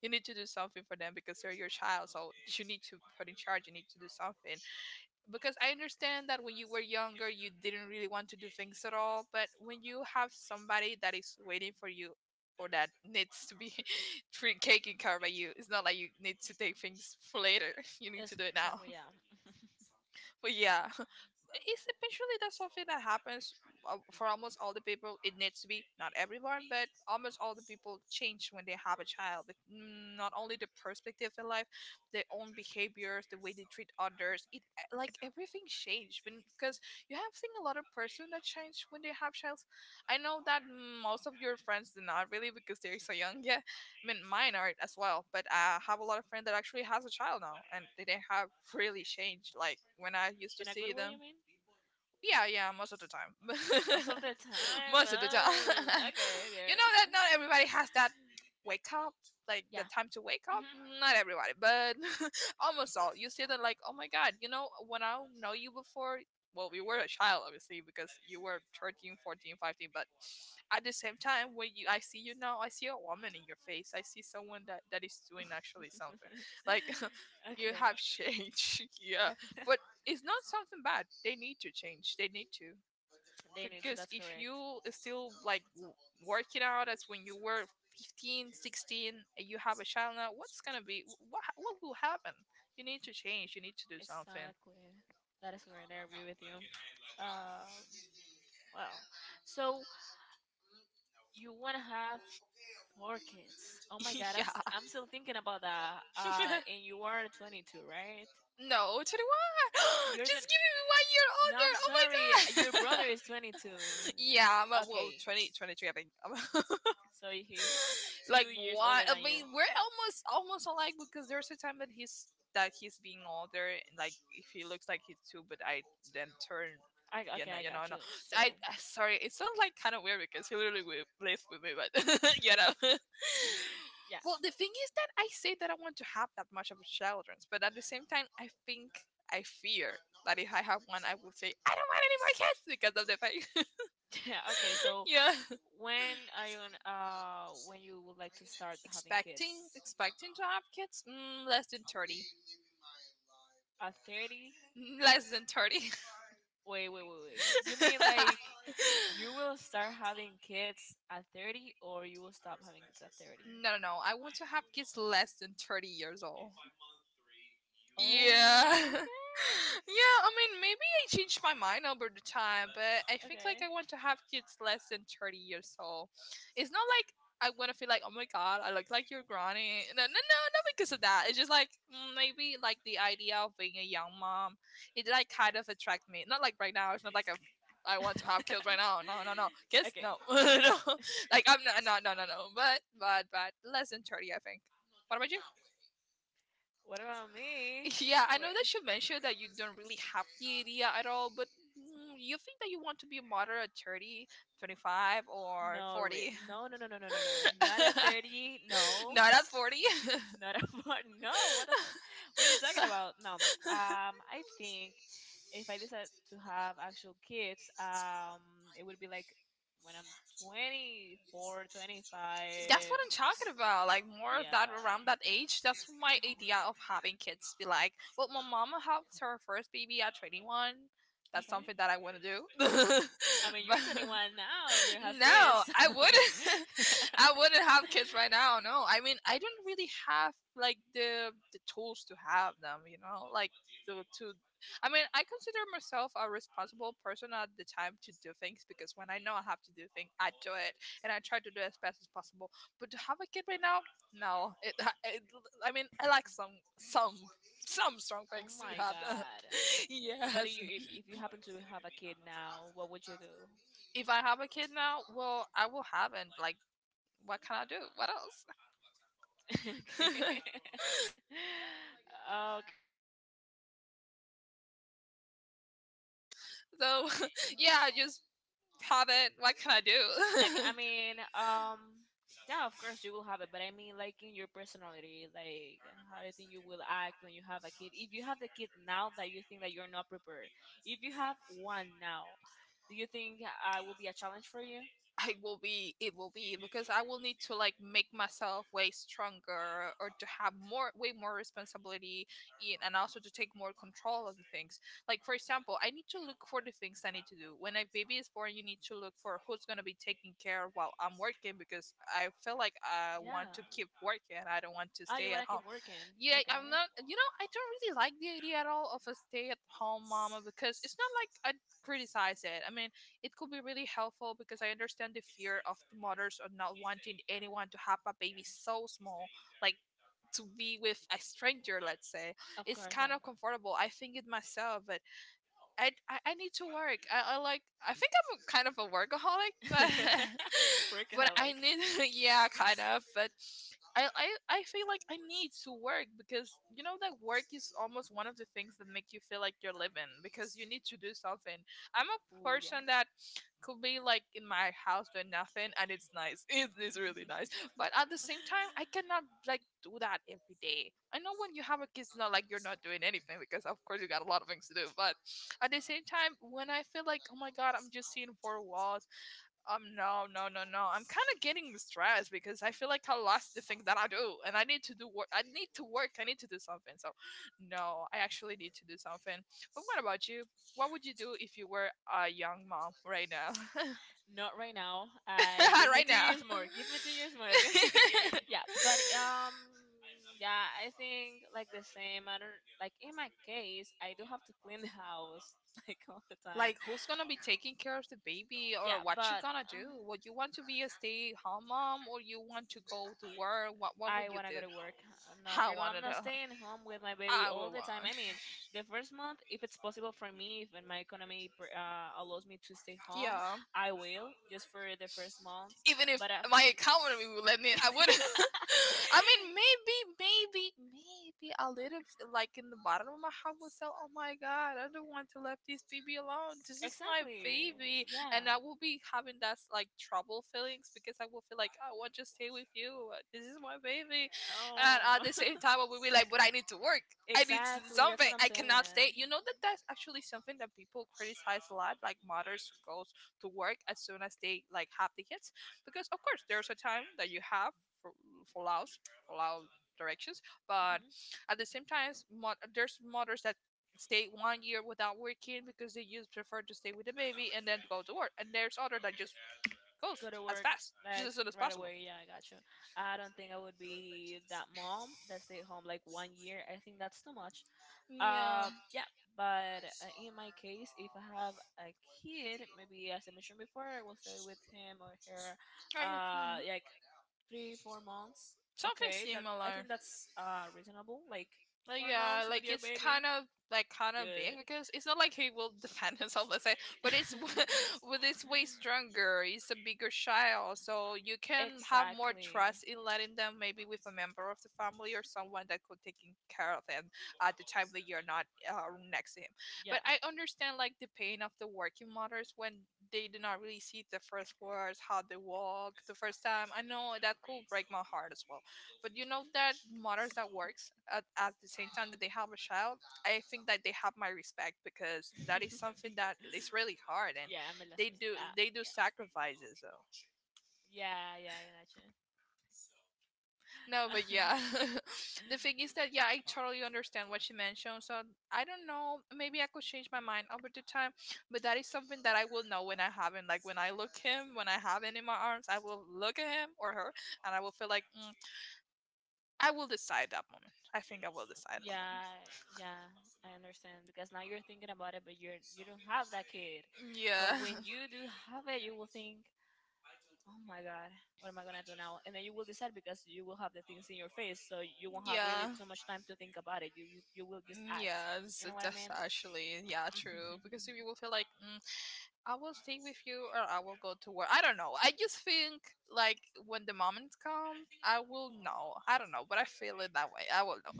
Speaker 1: You need to do something for them because they're your child, so you need to put in charge, you need to do something because I understand that when you were younger, you didn't really want to do things at all. But when you have somebody that is waiting for you or that needs to be [laughs] treat taken care by you, it's not like you need to take things for later. [laughs] You need to
Speaker 2: It's
Speaker 1: do it now.
Speaker 2: exactly
Speaker 1: [laughs]
Speaker 2: yeah. [laughs]
Speaker 1: But yeah. It's eventually that's something that happens for almost all the people. It needs to be not everyone, but almost all the people change when they have a child. Not only the perspective in life, their own behaviors, the way they treat others. It like everything changed when because you have seen a lot of person that change when they have child. I know that most of your friends do not really because they're so young [laughs] yet. I mean, mine are as well, but I have a lot of friends that actually has a child now, and they didn't have really changed. Like when I used to
Speaker 2: In a good
Speaker 1: see
Speaker 2: way, you
Speaker 1: them,
Speaker 2: mean?
Speaker 1: yeah, yeah, most of the time.
Speaker 2: Most of the
Speaker 1: [laughs]
Speaker 2: time.
Speaker 1: Most of the time.
Speaker 2: Oh,
Speaker 1: [laughs]
Speaker 2: okay,
Speaker 1: You know that
Speaker 2: girls.
Speaker 1: not everybody has that wake up, like the
Speaker 2: Yeah.
Speaker 1: time to wake up.
Speaker 2: hmm
Speaker 1: Not everybody, but [laughs] almost all. You see that, like, oh my god, you know, when I know you before, well, we were a child, obviously, because you were 13, 14, 15. But at the same time, when you, I see you now, I see a woman in your face. I see someone that, is doing actually something. Like,
Speaker 2: [laughs]
Speaker 1: [laughs] you
Speaker 2: Okay.
Speaker 1: have changed. [laughs] Yeah. For it's not something bad. They need to change. They need to
Speaker 2: They need to.
Speaker 1: because
Speaker 2: That's
Speaker 1: if
Speaker 2: correct.
Speaker 1: you still like work out as when you were 15, 16, and you have a child now, what's gonna be what will happen? You need to change. You need to do something.
Speaker 2: Exactly. That is correct. I agree with you. Um, wow. So you want to have four kids. Oh my God,
Speaker 1: [laughs] Yeah.
Speaker 2: I'm still thinking about that. And you
Speaker 1: [laughs]
Speaker 2: are 22, right?
Speaker 1: No, 21. [gasps]
Speaker 2: You're the,
Speaker 1: Just give me one year
Speaker 2: no,
Speaker 1: older.
Speaker 2: I'm
Speaker 1: Oh my
Speaker 2: sorry. Your brother
Speaker 1: god.
Speaker 2: is
Speaker 1: [laughs]
Speaker 2: 22.
Speaker 1: Yeah, but well,
Speaker 2: Okay,
Speaker 1: 2023. I think. [laughs]
Speaker 2: so he's
Speaker 1: Like
Speaker 2: 2 years
Speaker 1: why?
Speaker 2: older
Speaker 1: I
Speaker 2: than you.
Speaker 1: mean, we're almost alike because there's a time that he's being older, and like if he looks like he's two, but I then turn.
Speaker 2: Okay, I
Speaker 1: You know,
Speaker 2: got
Speaker 1: no.
Speaker 2: you.
Speaker 1: I,
Speaker 2: So.
Speaker 1: I sorry, it sounds like kind of weird because he literally lives with me, but [laughs] you
Speaker 2: [laughs]
Speaker 1: know.
Speaker 2: Yeah. [laughs]
Speaker 1: Well, the thing is that I say that I want to have that much of a children, but at the same time, I think I fear that if I have one, I will say I don't want any more kids because of the fact.
Speaker 2: Yeah, okay.
Speaker 1: [laughs]
Speaker 2: So
Speaker 1: Yeah.
Speaker 2: when are when you would like to start having kids?
Speaker 1: Expecting to have kids? Mm, less than 30.
Speaker 2: At 30?
Speaker 1: Mm, less than 30. [laughs]
Speaker 2: Wait, wait, wait, wait. You mean like you will start having kids at 30, or you will stop having kids at 30?
Speaker 1: No, no, no. I want to have kids less than 30 years old. Yeah. [laughs] Yeah,
Speaker 2: Oh,
Speaker 1: I
Speaker 2: okay.
Speaker 1: mean, maybe I changed my
Speaker 2: Okay.
Speaker 1: mind
Speaker 2: [laughs]
Speaker 1: over the time, but I think like I want to have kids less than 30 years old. It's not like I want to feel like, oh my god, I look like your granny. No, no, no, not because of that. It's just like mm, maybe like the idea of being a young mom, it like kind of attract me. Not like right now. It's not like a, I want to have kids right now. No, no, no. Guess
Speaker 2: Okay.
Speaker 1: no, [laughs] no. Like I'm not, no, no, no, no. But less than 30, I think. What about you?
Speaker 2: What about me?
Speaker 1: Yeah, I
Speaker 2: Yeah,
Speaker 1: know that you mentioned that you don't really have the
Speaker 2: yeah.
Speaker 1: idea at all, but mm, you think that you want to be a model at 30, 25 or
Speaker 2: No, real.
Speaker 1: 40?
Speaker 2: No, no, no, no, no, no, no. Not at 30.
Speaker 1: [laughs]
Speaker 2: No.
Speaker 1: Not at 40.
Speaker 2: Not at 40. No, what a. What are you talking about? No.
Speaker 1: [laughs]
Speaker 2: I think if I decide to have actual kids, it would be like when I'm 24,
Speaker 1: 25 That's
Speaker 2: 25.
Speaker 1: what I'm talking about. Like more of that
Speaker 2: Yeah.
Speaker 1: around that age. That's my idea of having kids. Be like, well, my mama had her first baby at 21. That's
Speaker 2: Okay.
Speaker 1: something that I want to do. [laughs]
Speaker 2: I mean,
Speaker 1: but
Speaker 2: you're
Speaker 1: But
Speaker 2: 21 now and you don't have
Speaker 1: [laughs]
Speaker 2: kids.
Speaker 1: no, I
Speaker 2: [laughs]
Speaker 1: wouldn't. [laughs] I wouldn't have kids right now. No, I mean, I don't really have like the tools to have them. You know, like to I mean, I consider myself a responsible person at the time to do things because when I know I have to do things, I do it and I try to do it as best as possible. But to have a kid right now, no. It I mean, I like some strong
Speaker 2: Oh
Speaker 1: things to
Speaker 2: my
Speaker 1: have.
Speaker 2: god.
Speaker 1: [laughs] Yes.
Speaker 2: But you, if you happen to have a kid now, what would you do?
Speaker 1: If I have a kid now, well, I will have it. Like, what can I do? What else?
Speaker 2: [laughs] Okay. [laughs] Okay.
Speaker 1: [laughs] So, [laughs] yeah, just have it. What can I
Speaker 2: Like
Speaker 1: do?
Speaker 2: I
Speaker 1: [laughs]
Speaker 2: mean, yeah, of course you will have it, but I mean, like in your personality, like how do you think you will act when you have a kid? If you have the kid now that you think that you're not prepared, if you have one now, do you think will be a challenge for you?
Speaker 1: I will be it will be because I will need to like make myself way stronger or to have more way more responsibility in and also to take more control of the things. Like for example, I need to look for the things I need to do. When a baby is born, you need to look for who's going to be taking care while I'm working because I feel like I want
Speaker 2: Yeah.
Speaker 1: to keep working. I don't want to
Speaker 2: Ah, you
Speaker 1: stay
Speaker 2: want
Speaker 1: at
Speaker 2: to
Speaker 1: home.
Speaker 2: keep working?
Speaker 1: Yeah,
Speaker 2: Okay.
Speaker 1: I'm not you know, I don't really like the idea at all of a stay at home mama because it's not like I criticize it. I mean, it could be really helpful because I understand the fear of the mothers of not wanting anyone to have a baby so small, like to be with a stranger, let's say,
Speaker 2: Of
Speaker 1: it's
Speaker 2: course, yeah.
Speaker 1: kind of comfortable. I think it myself, but I need to work. I like I think I'm kind of a workaholic, but
Speaker 2: [laughs]
Speaker 1: [laughs] but I
Speaker 2: Workaholic.
Speaker 1: need [laughs] yeah, kind of. But I feel like I need to work because you know that work is almost one of the things that make you feel like you're living because you need to do something. I'm a
Speaker 2: Ooh, yeah.
Speaker 1: person that could be like in my house doing nothing and it's nice. [laughs] It is really nice. But at the same time, I cannot like
Speaker 2: [laughs]
Speaker 1: do that every day. I know when you have a kid, it's not like you're not doing anything because, of course, you got a lot of things to do. But at the same time, when I feel like, oh my God, I'm just seeing 4 walls, no, no, no, no, I'm kind of getting stressed because I feel like I lost the thing that I do and I need to do work. I need to work. I need to do something. So, no, I actually need to do something. But what about you? What would you do if you were a young mom right now? [laughs] Not
Speaker 2: Not right
Speaker 1: right
Speaker 2: now.
Speaker 1: now. [laughs]
Speaker 2: Give me
Speaker 1: Right
Speaker 2: two
Speaker 1: now.
Speaker 2: years
Speaker 1: [laughs] Give me
Speaker 2: more. Give me 2 years more, okay?
Speaker 1: the usual. [laughs] Yeah. Right
Speaker 2: [laughs] yeah,
Speaker 1: now.
Speaker 2: but um, yeah, I think like the same. I don't like in my case, I do have to clean the house [laughs] like all the time.
Speaker 1: Like, who's gonna be taking care of the baby,
Speaker 2: Yeah,
Speaker 1: or what you
Speaker 2: but
Speaker 1: gonna do?
Speaker 2: um,
Speaker 1: Would you want to be a stay-at-home mom, or you want to go to work? What would
Speaker 2: I
Speaker 1: you
Speaker 2: want to
Speaker 1: do?
Speaker 2: go to work.
Speaker 1: [laughs]
Speaker 2: No,
Speaker 1: I
Speaker 2: girl,
Speaker 1: wanna
Speaker 2: I'm not
Speaker 1: know.
Speaker 2: staying home with my baby
Speaker 1: I
Speaker 2: all
Speaker 1: would
Speaker 2: the time.
Speaker 1: want.
Speaker 2: I mean, the first month, if it's possible for me, if my economy allows me to stay home,
Speaker 1: Yeah.
Speaker 2: I will, just for the first month.
Speaker 1: Even if
Speaker 2: But
Speaker 1: my economy would let me, I would.
Speaker 2: [laughs]
Speaker 1: [laughs] I mean, maybe, maybe, maybe a little, bit, like in the bottom of my heart, would say, "Oh my God, I don't want to let this baby alone. This is my
Speaker 2: Exactly.
Speaker 1: baby," [laughs]
Speaker 2: Yeah.
Speaker 1: and I will be having that like trouble feelings because I will feel like I want to stay with you. This is my baby, and at
Speaker 2: Oh.
Speaker 1: the same time, I will be like, "But I need to work.
Speaker 2: [laughs]
Speaker 1: I need to do
Speaker 2: Exactly. That's
Speaker 1: something.
Speaker 2: what I'm
Speaker 1: I
Speaker 2: saying.
Speaker 1: cannot
Speaker 2: Mhm.
Speaker 1: stay." You know that's actually something that people criticize a lot, like mothers goes to work as soon as they like have the kids because of course there's a time that you have for for laws, for law directions, but at the same time, there's mothers that stay 1 year without working because they just prefer to stay with the baby and then go to work, and there's other that just goes
Speaker 2: Go to
Speaker 1: as
Speaker 2: work
Speaker 1: fast, just
Speaker 2: like
Speaker 1: as soon as
Speaker 2: right
Speaker 1: possible.
Speaker 2: away. Yeah, I got you. I don't think I would be that mom that stayed home like 1 year. I think that's too much.
Speaker 1: Yeah,
Speaker 2: Uh, yeah, but in my case, if I have a kid, maybe as I mentioned before, I will stay with him or her,
Speaker 1: I
Speaker 2: like three, 4 months.
Speaker 1: something
Speaker 2: Okay, that I
Speaker 1: similar.
Speaker 2: think that's reasonable. Like
Speaker 1: Like
Speaker 2: 4 months
Speaker 1: yeah,
Speaker 2: with
Speaker 1: like
Speaker 2: your
Speaker 1: it's
Speaker 2: baby,
Speaker 1: kind of, like kind of big
Speaker 2: good.
Speaker 1: because it's not like he will defend [laughs] himself, let's say, but it's
Speaker 2: [laughs]
Speaker 1: [laughs] with it's way stronger. It's a bigger child, so you can have more
Speaker 2: Exactly.
Speaker 1: trust in letting them maybe with a member of the family or someone that could taking care of him at the time that you're not next to him.
Speaker 2: Yeah.
Speaker 1: But I understand like the pain of the working mothers when they did not really see the first words, how they walk the first time. I know that could break my heart as well. But you know that mothers that works at the same time that they have a child, I think that they have my respect because that is something
Speaker 2: [laughs]
Speaker 1: that is really hard, and
Speaker 2: Yeah, I'm a
Speaker 1: they
Speaker 2: lesson.
Speaker 1: do they do
Speaker 2: Yeah.
Speaker 1: sacrifices. So.
Speaker 2: Yeah, yeah, I gotcha.
Speaker 1: No, but
Speaker 2: [laughs]
Speaker 1: yeah, [laughs] the thing is that yeah, I totally understand what she mentioned. So I don't know, maybe I could change my mind over the time, but that is something that I will know when I have him. Like when I look him, when I have him in my arms, I will look at him or her, and I will feel like I will decide that moment. I think I will decide
Speaker 2: Yeah, yeah, I understand because
Speaker 1: that
Speaker 2: now you're thinking about it, but you don't have that kid.
Speaker 1: moment.
Speaker 2: But
Speaker 1: Yeah.
Speaker 2: when you do have it, you will think, oh my god, what am I gonna do now? And then you will decide because
Speaker 1: [laughs]
Speaker 2: you will have the things in your face, so you won't have really
Speaker 1: Yeah.
Speaker 2: too much time to think about it. You will just act.
Speaker 1: Yeah, that's,
Speaker 2: You know what I
Speaker 1: that's
Speaker 2: mean?
Speaker 1: actually yeah true because you will feel like I will stay with you or I will go to work. I don't know. I just think like when the moment comes, I will know. I don't know, but I feel it that way. I will know.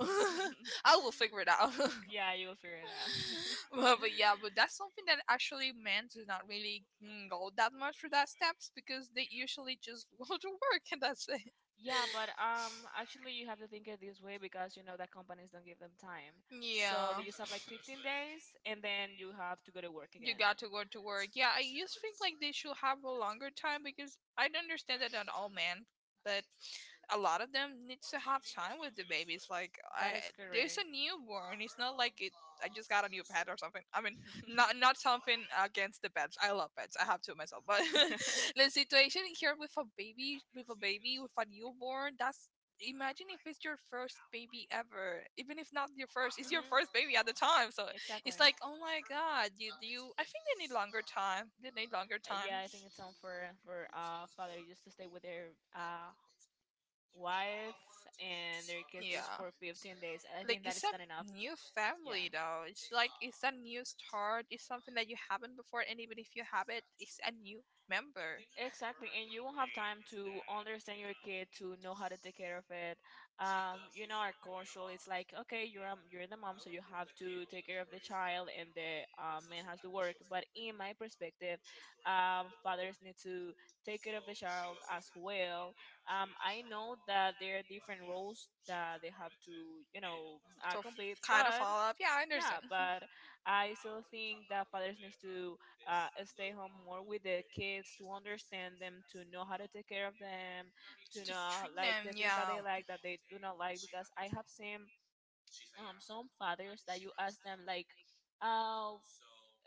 Speaker 1: [laughs] I will figure it out. [laughs]
Speaker 2: Yeah, you will figure it out. [laughs]
Speaker 1: But yeah, but that's something that actually men do not really go that much for that steps because they usually just [laughs] go to work and that's it.
Speaker 2: Yeah, but actually, you have to think it this way because you know that companies don't give them time. So
Speaker 1: Yeah,
Speaker 2: they just have like 15 days, and then you have to go to work
Speaker 1: you
Speaker 2: again.
Speaker 1: got to go to work. Yeah, I just think like they should have a longer time because I don't understand that, not all men, but a lot of them needs to have time with the babies. Like
Speaker 2: That
Speaker 1: I,
Speaker 2: is
Speaker 1: there's
Speaker 2: correct.
Speaker 1: a newborn. It's not like it. I just got a new pet or something. I mean, not something against the pets. I love pets. I have two myself, but
Speaker 2: [laughs]
Speaker 1: [laughs] the situation here with a baby, with a baby, with a newborn, that's. Imagine if it's your first baby ever, even if not your first, it's your
Speaker 2: Mhm.
Speaker 1: first baby at the time. So
Speaker 2: Exactly.
Speaker 1: it's like, oh my god, you you. I think they need longer time. They need longer time.
Speaker 2: Yeah, I think it's unfair for father just to stay with their uh wife and their kids just
Speaker 1: Yeah.
Speaker 2: for 15 days. I
Speaker 1: Like
Speaker 2: think that
Speaker 1: it's
Speaker 2: is
Speaker 1: a
Speaker 2: not enough.
Speaker 1: new
Speaker 2: Yeah,
Speaker 1: family though. It's like it's a new start. It's something that you haven't before, and even if you have it, it's a new member.
Speaker 2: exactly. And you won't have time to understand your kid, to know how to take care of it. You know, our culture it's like, okay, you're the mom, so you have to take care of the child, and the man has to work. But in my perspective, fathers need to take care of the child as well. I know that there are different roles that they have to, you know,
Speaker 1: So f-
Speaker 2: complete,
Speaker 1: Kind of
Speaker 2: but
Speaker 1: follow up. Yeah, I
Speaker 2: yeah,
Speaker 1: understand.
Speaker 2: but I still think that fathers needs to stay home more with the kids to understand them, to know how to take care of them, to
Speaker 1: To
Speaker 2: know
Speaker 1: treat
Speaker 2: like
Speaker 1: them,
Speaker 2: the things that
Speaker 1: yeah.
Speaker 2: they like, that they do not like. Because I have seen some fathers that you ask them like, uh,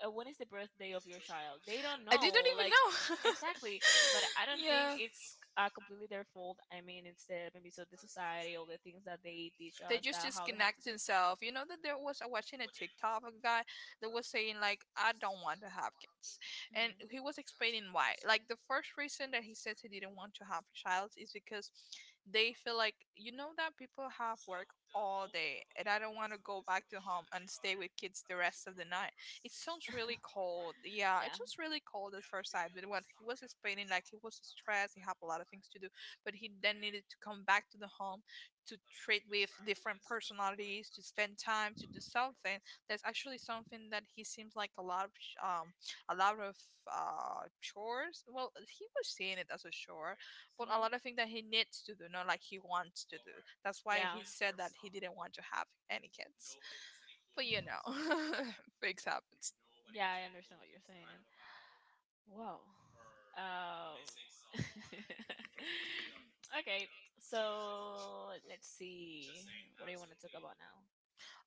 Speaker 2: when is the birthday of your child? They don't
Speaker 1: I didn't
Speaker 2: know,
Speaker 1: even
Speaker 2: like
Speaker 1: know.
Speaker 2: exactly. But
Speaker 1: [laughs]
Speaker 2: I don't think
Speaker 1: Yeah,
Speaker 2: it's completely their fault. I mean, it's the maybe so the society, all the things that they teach
Speaker 1: they
Speaker 2: us
Speaker 1: just
Speaker 2: that how they have to
Speaker 1: disconnect
Speaker 2: be.
Speaker 1: themselves. You know that there was I watching a TikTok of a guy that was saying like I don't want to have kids, and
Speaker 2: Mhm.
Speaker 1: he was explaining why. Like the first reason that he says he didn't want to have a child is because they feel like you know that people have work all day, and I don't want to go back to home and stay with kids the rest of the night. It sounds really cold. Yeah, it
Speaker 2: Yeah.
Speaker 1: sounds really cold at first sight. But when he was explaining, like he was stressed, he had a lot of things to do, but he then needed to come back to the home to treat with different personalities, to spend time, to do something. That's actually something that he seems like a lot of a lot of chores. Well, he was seeing it as a chore, but a
Speaker 2: Mhm.
Speaker 1: lot of things that he needs to do, not like he wants to do. That's why
Speaker 2: Yeah.
Speaker 1: he said that he didn't want to have any kids. But you know, [laughs] things happens.
Speaker 2: Yeah, I understand what you're saying. Whoa. Um. [laughs] Okay. So let's see. What do you want to talk about now?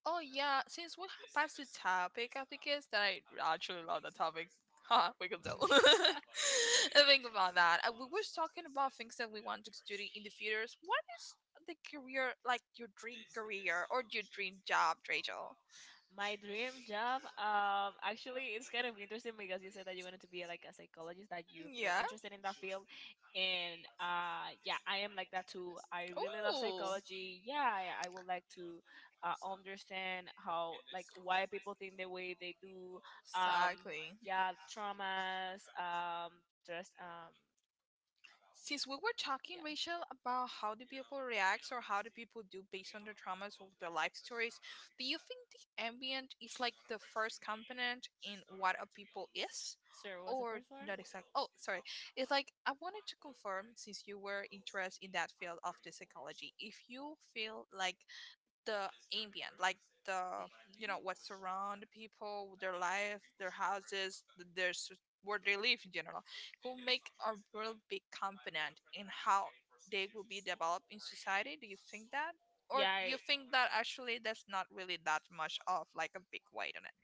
Speaker 1: Oh yeah, since we have passed the topic, I think it's that I actually love the topic. Huh, we can tell. [laughs] I think about that. We
Speaker 2: [laughs]
Speaker 1: were talking about things that we want to study in the futures. What is the career like your dream career or your dream job, Rachel?
Speaker 2: My dream job, actually, it's kind of interesting because you said that you wanted to be like a psychologist, that you feel
Speaker 1: Yeah.
Speaker 2: interested in that field, and yeah, I am like that too. I really love
Speaker 1: Oh.
Speaker 2: psychology. Yeah, I would like to understand how, like, why people think the way they do. Um,
Speaker 1: Exactly.
Speaker 2: yeah, traumas, just
Speaker 1: Since we were talking,
Speaker 2: yeah.
Speaker 1: Rachel, about how do people react or how do people do based on their traumas or their life stories, do you think the ambient is like the first component in what a people is?
Speaker 2: Sir, what's the
Speaker 1: Or
Speaker 2: first one?
Speaker 1: not exactly? Oh, sorry. It's like I wanted to confirm since you were interested in that field of the psychology, if you feel like the ambient, like
Speaker 2: The
Speaker 1: the you know what surround people, their life, their houses, their where they live in general, will make a real big component in how they will be developed in society. Do you think that, or
Speaker 2: Yeah,
Speaker 1: you think that actually that's not really that much of like a big weight on it?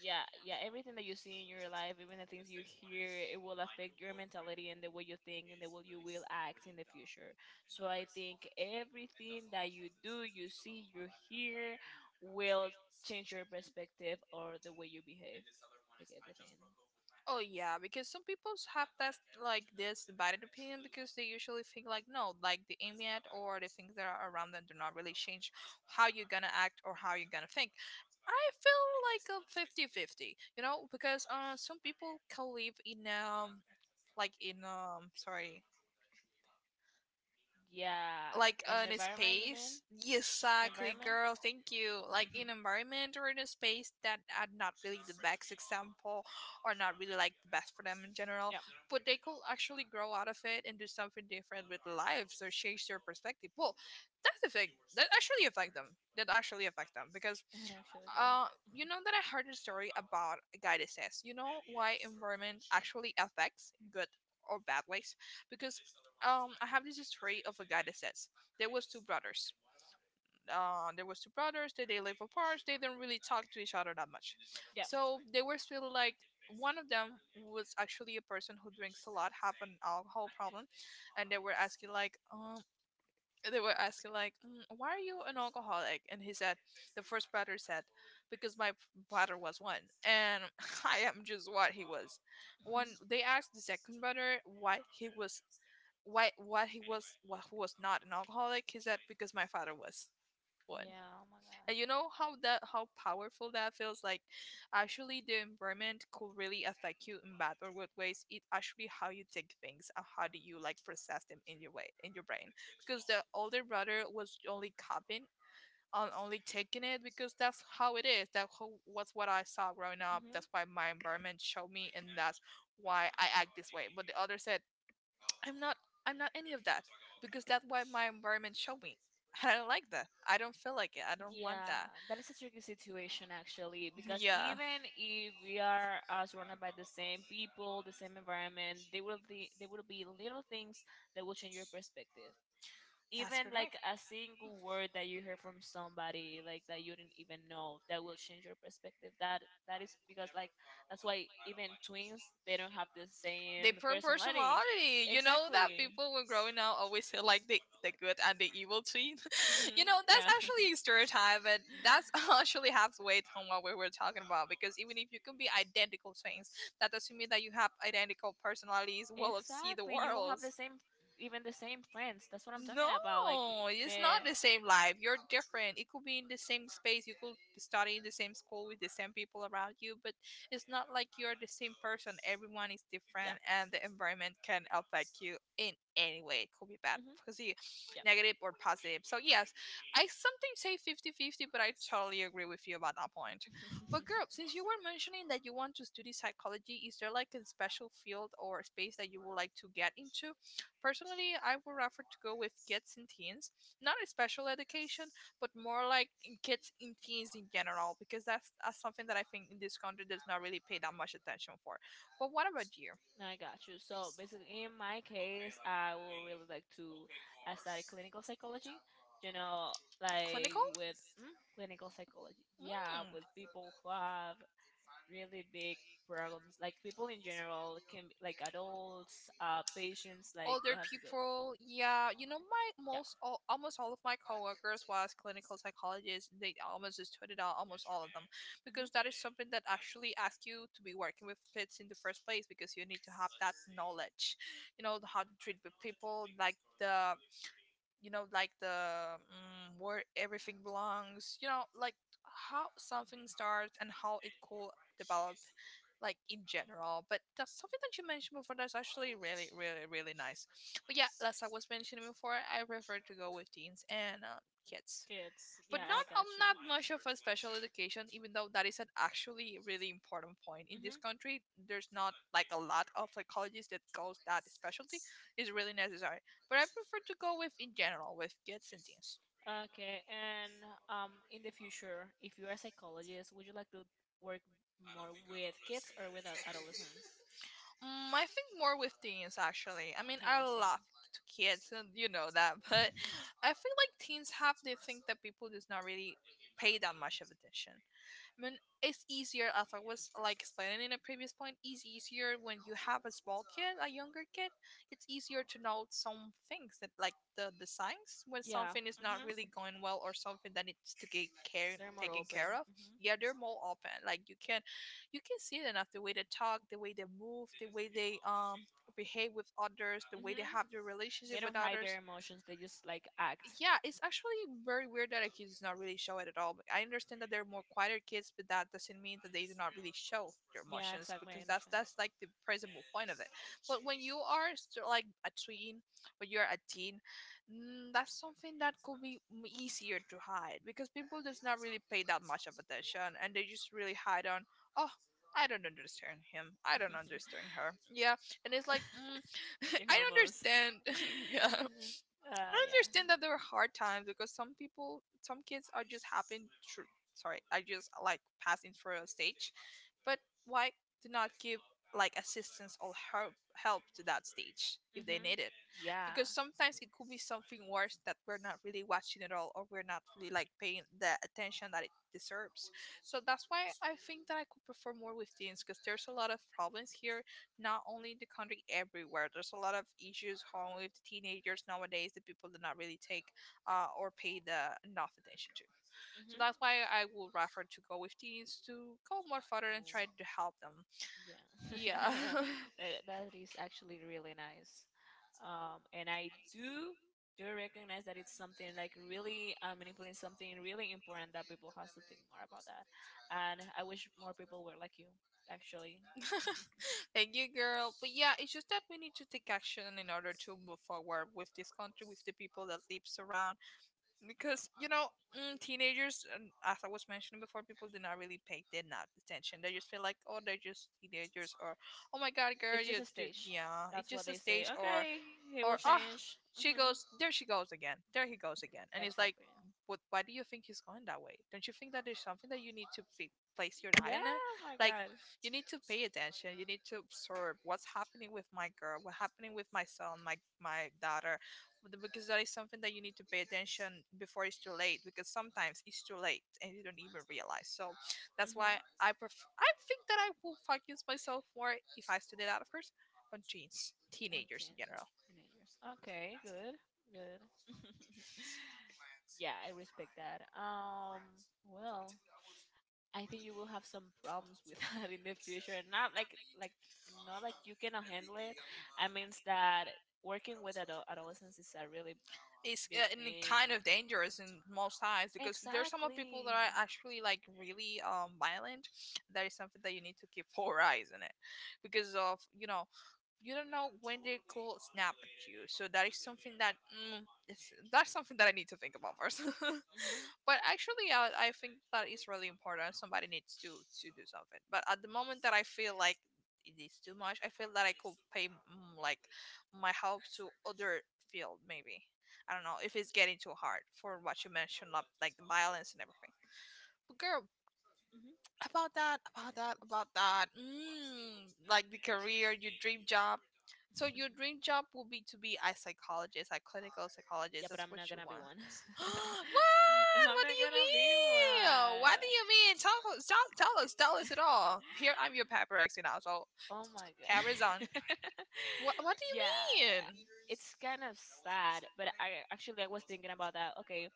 Speaker 2: yeah, yeah. Everything that you see in your life, even the things you hear, it will affect your mentality and the way you think and the way you will act in the future. So I think everything that you do, you see, you hear, will change your perspective or the way you behave, like everything.
Speaker 1: Oh yeah, because some people have that like this divided opinion because they usually think like no, like the immediate or the things that are around them do not really change how you're gonna act or how you're gonna think. I feel like a 50-50, you know, because some people can live in like in sorry,
Speaker 2: Yeah,
Speaker 1: like
Speaker 2: in
Speaker 1: on
Speaker 2: the
Speaker 1: a
Speaker 2: environment, you mean?
Speaker 1: space,
Speaker 2: The
Speaker 1: exactly
Speaker 2: environment?
Speaker 1: girl thank you, like
Speaker 2: [laughs]
Speaker 1: in environment or in a space that are not really the best example, are not really like the best for them in general.
Speaker 2: Yeah,
Speaker 1: But they could actually grow out of it and do something different with lives or change their perspective. Well, that's the thing that actually affect them. That actually affect them because
Speaker 2: it actually does.
Speaker 1: you
Speaker 2: Mhm.
Speaker 1: know that I heard a
Speaker 2: [laughs]
Speaker 1: story about a guy that says, you know why environment actually affects in good or bad ways? Because I have this story of a guy that says there was two brothers. There was two brothers. They live apart. They didn't really talk to each other that much.
Speaker 2: Yeah.
Speaker 1: So they were still like one of them was actually a person who drinks a lot, have an alcohol problem, and they were asking like, they were asking like, why are you an alcoholic? And he said, the first batter said, because my batter was one, and [laughs] I am just what he was. When
Speaker 2: Mhm.
Speaker 1: they asked the second batter why he was, why he was, why he was not an alcoholic, he said because my father was one.
Speaker 2: Yeah, oh my god.
Speaker 1: And you know how that, how powerful that feels like actually the environment could really affect you in bad or good ways. It actually how you take things and how do you like process them in your way in your brain. Because the older brother was only copying on, only taking it because that's how it is. Was what I saw growing up.
Speaker 2: Mhm.
Speaker 1: That's why my environment showed me, and that's why I act this way. But the other said I'm not I'm not any of that because that's what my environment showed me. [laughs] I don't like that. I don't feel like it. I don't want
Speaker 2: Yeah,
Speaker 1: that.
Speaker 2: that is a tricky situation actually, because
Speaker 1: Yeah.
Speaker 2: even if we are surrounded by the same people, the same environment, there will be little things that will change your perspective.
Speaker 1: That's
Speaker 2: Even like
Speaker 1: correct.
Speaker 2: a single word that you hear from somebody like that you didn't even know, that will change your perspective. That is because like that's why even twins they don't have the
Speaker 1: They
Speaker 2: same
Speaker 1: per
Speaker 2: personality.
Speaker 1: Personality. You know that
Speaker 2: Exactly.
Speaker 1: people when growing up always say like the good and the evil twin. [laughs] You
Speaker 2: Mhm.
Speaker 1: know that's
Speaker 2: Yeah.
Speaker 1: actually a stereotype, but that's [laughs] actually half weight
Speaker 2: [laughs]
Speaker 1: on what we were talking about. Because even if you can be identical twins, that doesn't mean that you have identical personalities, will of see the
Speaker 2: Exactly. You won't have the
Speaker 1: worlds.
Speaker 2: same, even the same friends. That's what I'm talking about. Like
Speaker 1: No, it's
Speaker 2: the.
Speaker 1: not the same life. You're different. It could be in the same space. You could study in the same school with the same people around you, but it's not like you're the same person. Everyone is
Speaker 2: Yep.
Speaker 1: different, and the environment can affect you in any way. It could be bad,
Speaker 2: hmm
Speaker 1: posi- negative, or positive. So, yes, I sometimes say 50-50, but I totally agree with you about that point. But,
Speaker 2: Yep. [laughs]
Speaker 1: girl, since you were mentioning that you want to study psychology, is there like a special field or space that you would like to get into? Personally, I would rather to go with kids and teens, not a special education, but more like in kids and teens in general, because that's something that I think in this country does not really pay that much attention for. But what about you?
Speaker 2: I got you. So basically, in my case, I will really like to study clinical psychology. You know,
Speaker 1: Clinical?
Speaker 2: like with clinical psychology,
Speaker 1: Mm.
Speaker 2: yeah, with people who have really big problems, like people in general can be like adults, patients, like
Speaker 1: Older
Speaker 2: they have to go,
Speaker 1: people, yeah, you know, my
Speaker 2: yeah.
Speaker 1: almost all of my coworkers was clinical psychologists. They almost just put it out, almost all of them,
Speaker 2: Hmm.
Speaker 1: because that is something that actually asks you to be working with kids in the first place, because you need to have that knowledge, you know, how to treat with people like the the where everything belongs, you know, like how something starts and how it could develop, like in general. But that's something that you mentioned before, that's actually really really really nice. But yeah, as I was mentioning before, I prefer to go with teens and kids,
Speaker 2: Kids.
Speaker 1: but
Speaker 2: Yeah, I
Speaker 1: not
Speaker 2: got you.
Speaker 1: not much of a special education, even though that is an actually really important point in this
Speaker 2: Hmm.
Speaker 1: country. There's not like a lot of like colleges that goes that specialty, is really necessary. But I prefer to go with in general with kids and teens.
Speaker 2: Okay, and in the future, if you're a psychologist, would you like to work more with kids or with adolescents?
Speaker 1: I think more with teens. Actually, I mean, I
Speaker 2: Teens, yeah.
Speaker 1: love to kids, and you know that, [laughs] but I feel like teens have the thing that people does not really pay that much of attention. I mean, it's easier, as I was like explaining in a previous point, it's easier when you have a small kid, a younger kid. It's easier to know some things that, like the signs when
Speaker 2: Yeah.
Speaker 1: something is not
Speaker 2: Hmm.
Speaker 1: really going well or something that needs to get care
Speaker 2: They're more
Speaker 1: taken
Speaker 2: open.
Speaker 1: care of.
Speaker 2: Mm-hmm.
Speaker 1: Yeah, they're more open. Like you can see it enough the way they talk, the way they move, the way they behave with others, the way they
Speaker 2: Hmm.
Speaker 1: have their relationship
Speaker 2: They
Speaker 1: with
Speaker 2: don't hide
Speaker 1: others.
Speaker 2: their emotions. They just like act.
Speaker 1: Yeah, it's actually very weird that kids does not really show it at all. But I understand that they're more quieter kids, but that doesn't mean that they do not really show their
Speaker 2: Yeah,
Speaker 1: emotions,
Speaker 2: exactly. I
Speaker 1: because that's
Speaker 2: understand.
Speaker 1: that's like the principal point of it. But when you are like a tween, when you're a teen, that's something that could be easier to hide, because people does not really pay that much of attention, and they just really hide on. Oh, I don't understand him. I don't understand her. Yeah, and it's like
Speaker 2: [laughs]
Speaker 1: [laughs]
Speaker 2: The
Speaker 1: I don't
Speaker 2: hormones.
Speaker 1: understand. [laughs] Yeah,
Speaker 2: [laughs]
Speaker 1: I
Speaker 2: Yeah.
Speaker 1: understand that there are hard times because some people, some kids are just happen. Sorry, I just like passing through a stage. But why do not give like assistance or help to that stage if they
Speaker 2: Hmm.
Speaker 1: need it?
Speaker 2: Yeah.
Speaker 1: Because sometimes it could be something worse that we're not really watching at all, or we're not really like paying the attention that it deserves. So that's why I think that I could prefer more with teens, because there's a lot of problems here, not only in the country, everywhere there's a lot of issues home with the teenagers nowadays that people do not really take or pay the enough attention to. So
Speaker 2: Mhm.
Speaker 1: that's why I would rather to go with teens, to go more further and
Speaker 2: Oh,
Speaker 1: try to help them.
Speaker 2: yeah. [laughs]
Speaker 1: Yeah.
Speaker 2: That is actually really nice. And I do recognize that it's something like really meaningful and something really important that people has to think more about that. And I wish more people were like you, actually.
Speaker 1: [laughs] Thank you, girl. But yeah, it's just that we need to take action in order to move forward with this country, with the people that lives around. Because you know, teenagers, and as I was mentioning before, people do not really pay that not attention. They just feel like, oh, they're just teenagers, or oh my god, girl,
Speaker 2: It's
Speaker 1: you
Speaker 2: just a
Speaker 1: dude,
Speaker 2: stage.
Speaker 1: yeah, it's
Speaker 2: That's what
Speaker 1: just a
Speaker 2: they say.
Speaker 1: stage,
Speaker 2: Okay, it
Speaker 1: or
Speaker 2: will
Speaker 1: ah,
Speaker 2: change.
Speaker 1: she
Speaker 2: Hmm.
Speaker 1: goes there, she goes again, there he goes again, and it's like,
Speaker 2: Exactly.
Speaker 1: what? Why do you think he's going that way? Don't you think that there's something that you need to be, place your eye on
Speaker 2: Yeah,
Speaker 1: it?
Speaker 2: oh my
Speaker 1: Like,
Speaker 2: God.
Speaker 1: you need to pay attention. You need to observe what's happening with my girl, what's happening with my son, my daughter, because that is something that you need to pay attention before it's too late. Because sometimes it's too late and you don't even realize. So that's why
Speaker 2: Mhm.
Speaker 1: I prefer, I think that I will focus myself more if I study that, of course, on teens, teenagers in
Speaker 2: Okay.
Speaker 1: general.
Speaker 2: Okay, good. Good. [laughs] Yeah, I respect that. Well, I think you will have some problems with [laughs] that in the future. Not like not like you cannot handle it. I means that working with adolescents is a really
Speaker 1: It's
Speaker 2: big
Speaker 1: and it
Speaker 2: thing.
Speaker 1: kind of dangerous in most times, because there's some of people that
Speaker 2: Exactly.
Speaker 1: are actually like really violent. That is something that you need to keep [laughs] four eyes on it, because of you know, you don't know when they could snap at you. So that is something that it's, that's something that I need to think about first. [laughs]
Speaker 2: Hmm.
Speaker 1: But actually, I think that is really important. Somebody needs to do something. But at the moment that I feel like it is too much, I feel that I could pay like my help to other field maybe. I don't know if it's getting too hard for what you mentioned, like the violence and everything. But girl,
Speaker 2: Hmm.
Speaker 1: about that, like the career, your dream job. So your
Speaker 2: [laughs]
Speaker 1: dream job will be to be a psychologist, a clinical
Speaker 2: Yeah,
Speaker 1: psychologist?
Speaker 2: but
Speaker 1: That's
Speaker 2: I'm
Speaker 1: what
Speaker 2: not
Speaker 1: you
Speaker 2: gonna be
Speaker 1: want?
Speaker 2: one.
Speaker 1: [gasps]
Speaker 2: [laughs]
Speaker 1: what
Speaker 2: I'm
Speaker 1: what
Speaker 2: not
Speaker 1: do you
Speaker 2: gonna be
Speaker 1: mean? What
Speaker 2: one.
Speaker 1: do you mean? Tell, tell, tell us, tell us it
Speaker 2: [laughs]
Speaker 1: all here. I'm your paparazzi now, so
Speaker 2: Oh my god.
Speaker 1: cameras on.
Speaker 2: [laughs]
Speaker 1: What do
Speaker 2: Yeah,
Speaker 1: you mean?
Speaker 2: it's kind of sad, but I actually I was thinking about that. Okay,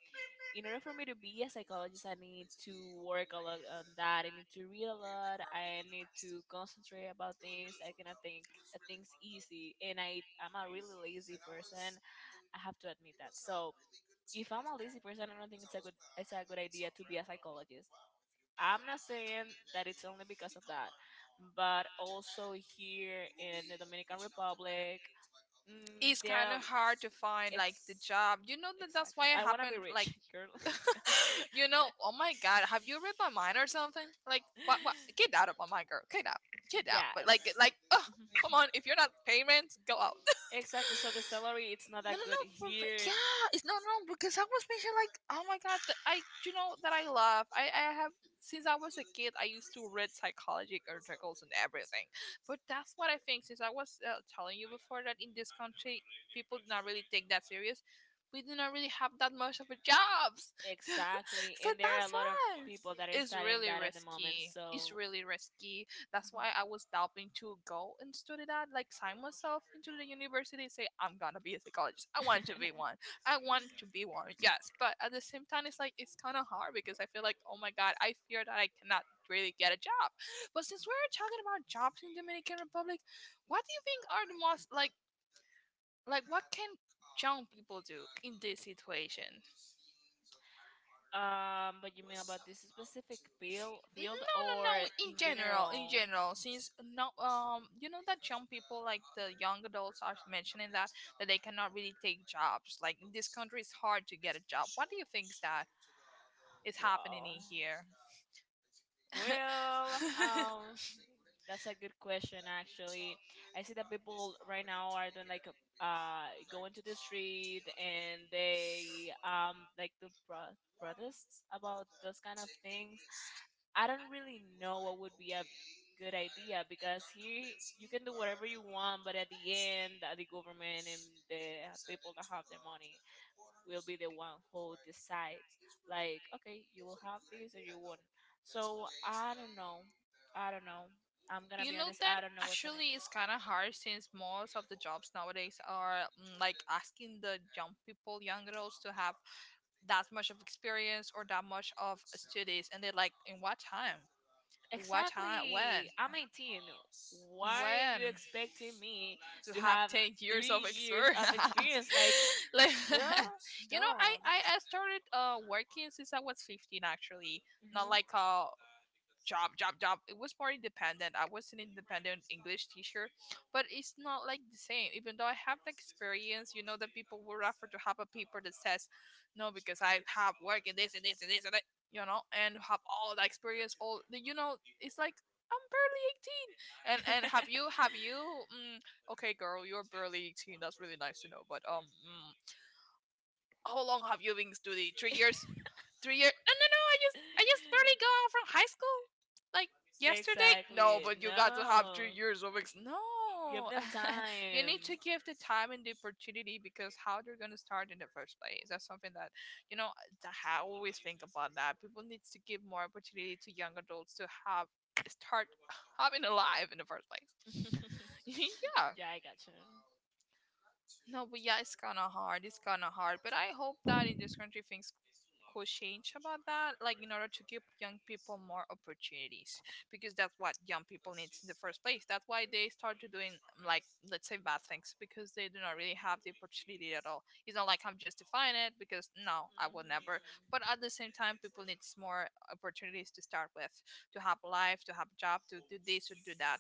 Speaker 2: in order for me to be a psychologist, I need to work a lot on that. I need to read a lot. I need to concentrate about things. I cannot think things easy, and I'm a really lazy person. I have to admit that. So if I'm a lazy person, I don't think it's a good idea to be a psychologist. I'm not saying that it's only because of that, but also here in the Dominican Republic, mm,
Speaker 1: It's
Speaker 2: there
Speaker 1: kind
Speaker 2: are
Speaker 1: of hard to find like the
Speaker 2: ex-
Speaker 1: job. You know that that's
Speaker 2: exactly.
Speaker 1: why it
Speaker 2: I want to
Speaker 1: happened.
Speaker 2: be
Speaker 1: Like,
Speaker 2: rich, [laughs] girl. [laughs]
Speaker 1: [laughs] you know, oh my god, have you read my mind or something? Like, what? What? Get out of my mind, girl. Get out. Get out. But
Speaker 2: yes.
Speaker 1: like, oh, come on. If you're not payments, go out.
Speaker 2: [laughs]
Speaker 1: [laughs]
Speaker 2: Exactly. So the salary it's not
Speaker 1: No,
Speaker 2: that
Speaker 1: no,
Speaker 2: good
Speaker 1: no.
Speaker 2: here,
Speaker 1: Yeah, it's no, no. Because I was mentioning like, oh my god, that I, you know, that I love. I have since I was a kid, I used to read psychology articles and everything. But that's what I think. Since I was telling you before that in this country, people do not really take that serious. We do not really have that much of a jobs, [laughs] so
Speaker 2: exactly,
Speaker 1: so
Speaker 2: and there are a
Speaker 1: that's
Speaker 2: lot of
Speaker 1: why
Speaker 2: people that are
Speaker 1: it's
Speaker 2: studying
Speaker 1: really
Speaker 2: that at the moment.
Speaker 1: risky. It's
Speaker 2: So.
Speaker 1: really risky. That's why I was doubting to go and study that, like sign myself into the university, say I'm gonna be a psychologist. I want to be
Speaker 2: [laughs]
Speaker 1: one. I want to be one. Yes, but at the same time, it's like it's kind of hard because I feel like oh my god, I fear that I cannot really get a job. But since we're talking about jobs in Dominican Republic, what do you think are the most like what can young people do in this situation?
Speaker 2: But you mean about this specific field,
Speaker 1: No,
Speaker 2: field
Speaker 1: no,
Speaker 2: or
Speaker 1: no.
Speaker 2: in
Speaker 1: In
Speaker 2: general?
Speaker 1: general, since no, you know that young people, like the young adults, are mentioning that they cannot really take jobs. Like in this country, it's hard to get a job. What do you think is that is happening
Speaker 2: Wow.
Speaker 1: in here?
Speaker 2: Well,
Speaker 1: [laughs]
Speaker 2: that's a good question, actually. I see that people right now are doing like a, going to the street and they like the protests about those kind of things. I don't really know what would be a good idea because here you can do whatever you want, but at the end, the government and the people that have the money will be the one who decides, like, okay, you will have these or you won't. So I don't know. I don't know. I'm gonna
Speaker 1: You
Speaker 2: be
Speaker 1: know
Speaker 2: honest,
Speaker 1: that
Speaker 2: I don't know what can I
Speaker 1: actually
Speaker 2: do.
Speaker 1: is kind of hard since most of the jobs nowadays are like asking the young people, young girls to have that much of experience or that much of studies, and they're like, in what time? What time? When?
Speaker 2: Exactly, I'm 18. Why are
Speaker 1: When?
Speaker 2: you expecting me
Speaker 1: To
Speaker 2: to
Speaker 1: have
Speaker 2: have
Speaker 1: 10 years
Speaker 2: three
Speaker 1: of
Speaker 2: years
Speaker 1: experience?
Speaker 2: of experience, like,
Speaker 1: [laughs] Like,
Speaker 2: bro,
Speaker 1: [laughs] you know, i
Speaker 2: don't.
Speaker 1: i I started working since I was 15, actually. Not
Speaker 2: Hmm.
Speaker 1: like a job, it was more independent. I was an independent English teacher. But it's not like the same, even though I have the experience. You know that people will refer to have a paper that says, no, because I have work in this and this and this and that, you know, and have all the experience, all the, you know, it's like I'm barely 18, and have
Speaker 2: [laughs]
Speaker 1: you, have you mm, okay, girl, you're barely 18. That's really nice to know. But how long have you been studying? 3 years? 3 years? No, no, no. I just barely got out from high school, like yesterday. No,
Speaker 2: Exactly.
Speaker 1: but you got to have three
Speaker 2: No.
Speaker 1: years of ex.
Speaker 2: Give
Speaker 1: No,
Speaker 2: them
Speaker 1: [laughs] you
Speaker 2: time.
Speaker 1: need to give the time and the opportunity, because how they're gonna start in the first place? That's something that you know, that I always think about that. People needs to give more opportunity to young adults to have start having a life in the first place.
Speaker 2: [laughs]
Speaker 1: [laughs] Yeah.
Speaker 2: Yeah, I gotcha.
Speaker 1: No, but yeah, it's kind of hard. It's kind of hard. But I hope that in this country things could change about that, like in order to give young people more opportunities, because that's what young people need in the first place. That's why they started doing, like, let's say bad things, because they do not really have the opportunity at all. It's not like I'm justifying it, because no, I will
Speaker 2: Mhm.
Speaker 1: never. But at the same time, people needs more opportunities to start with, to have a life, to have a job, to do this, to do that.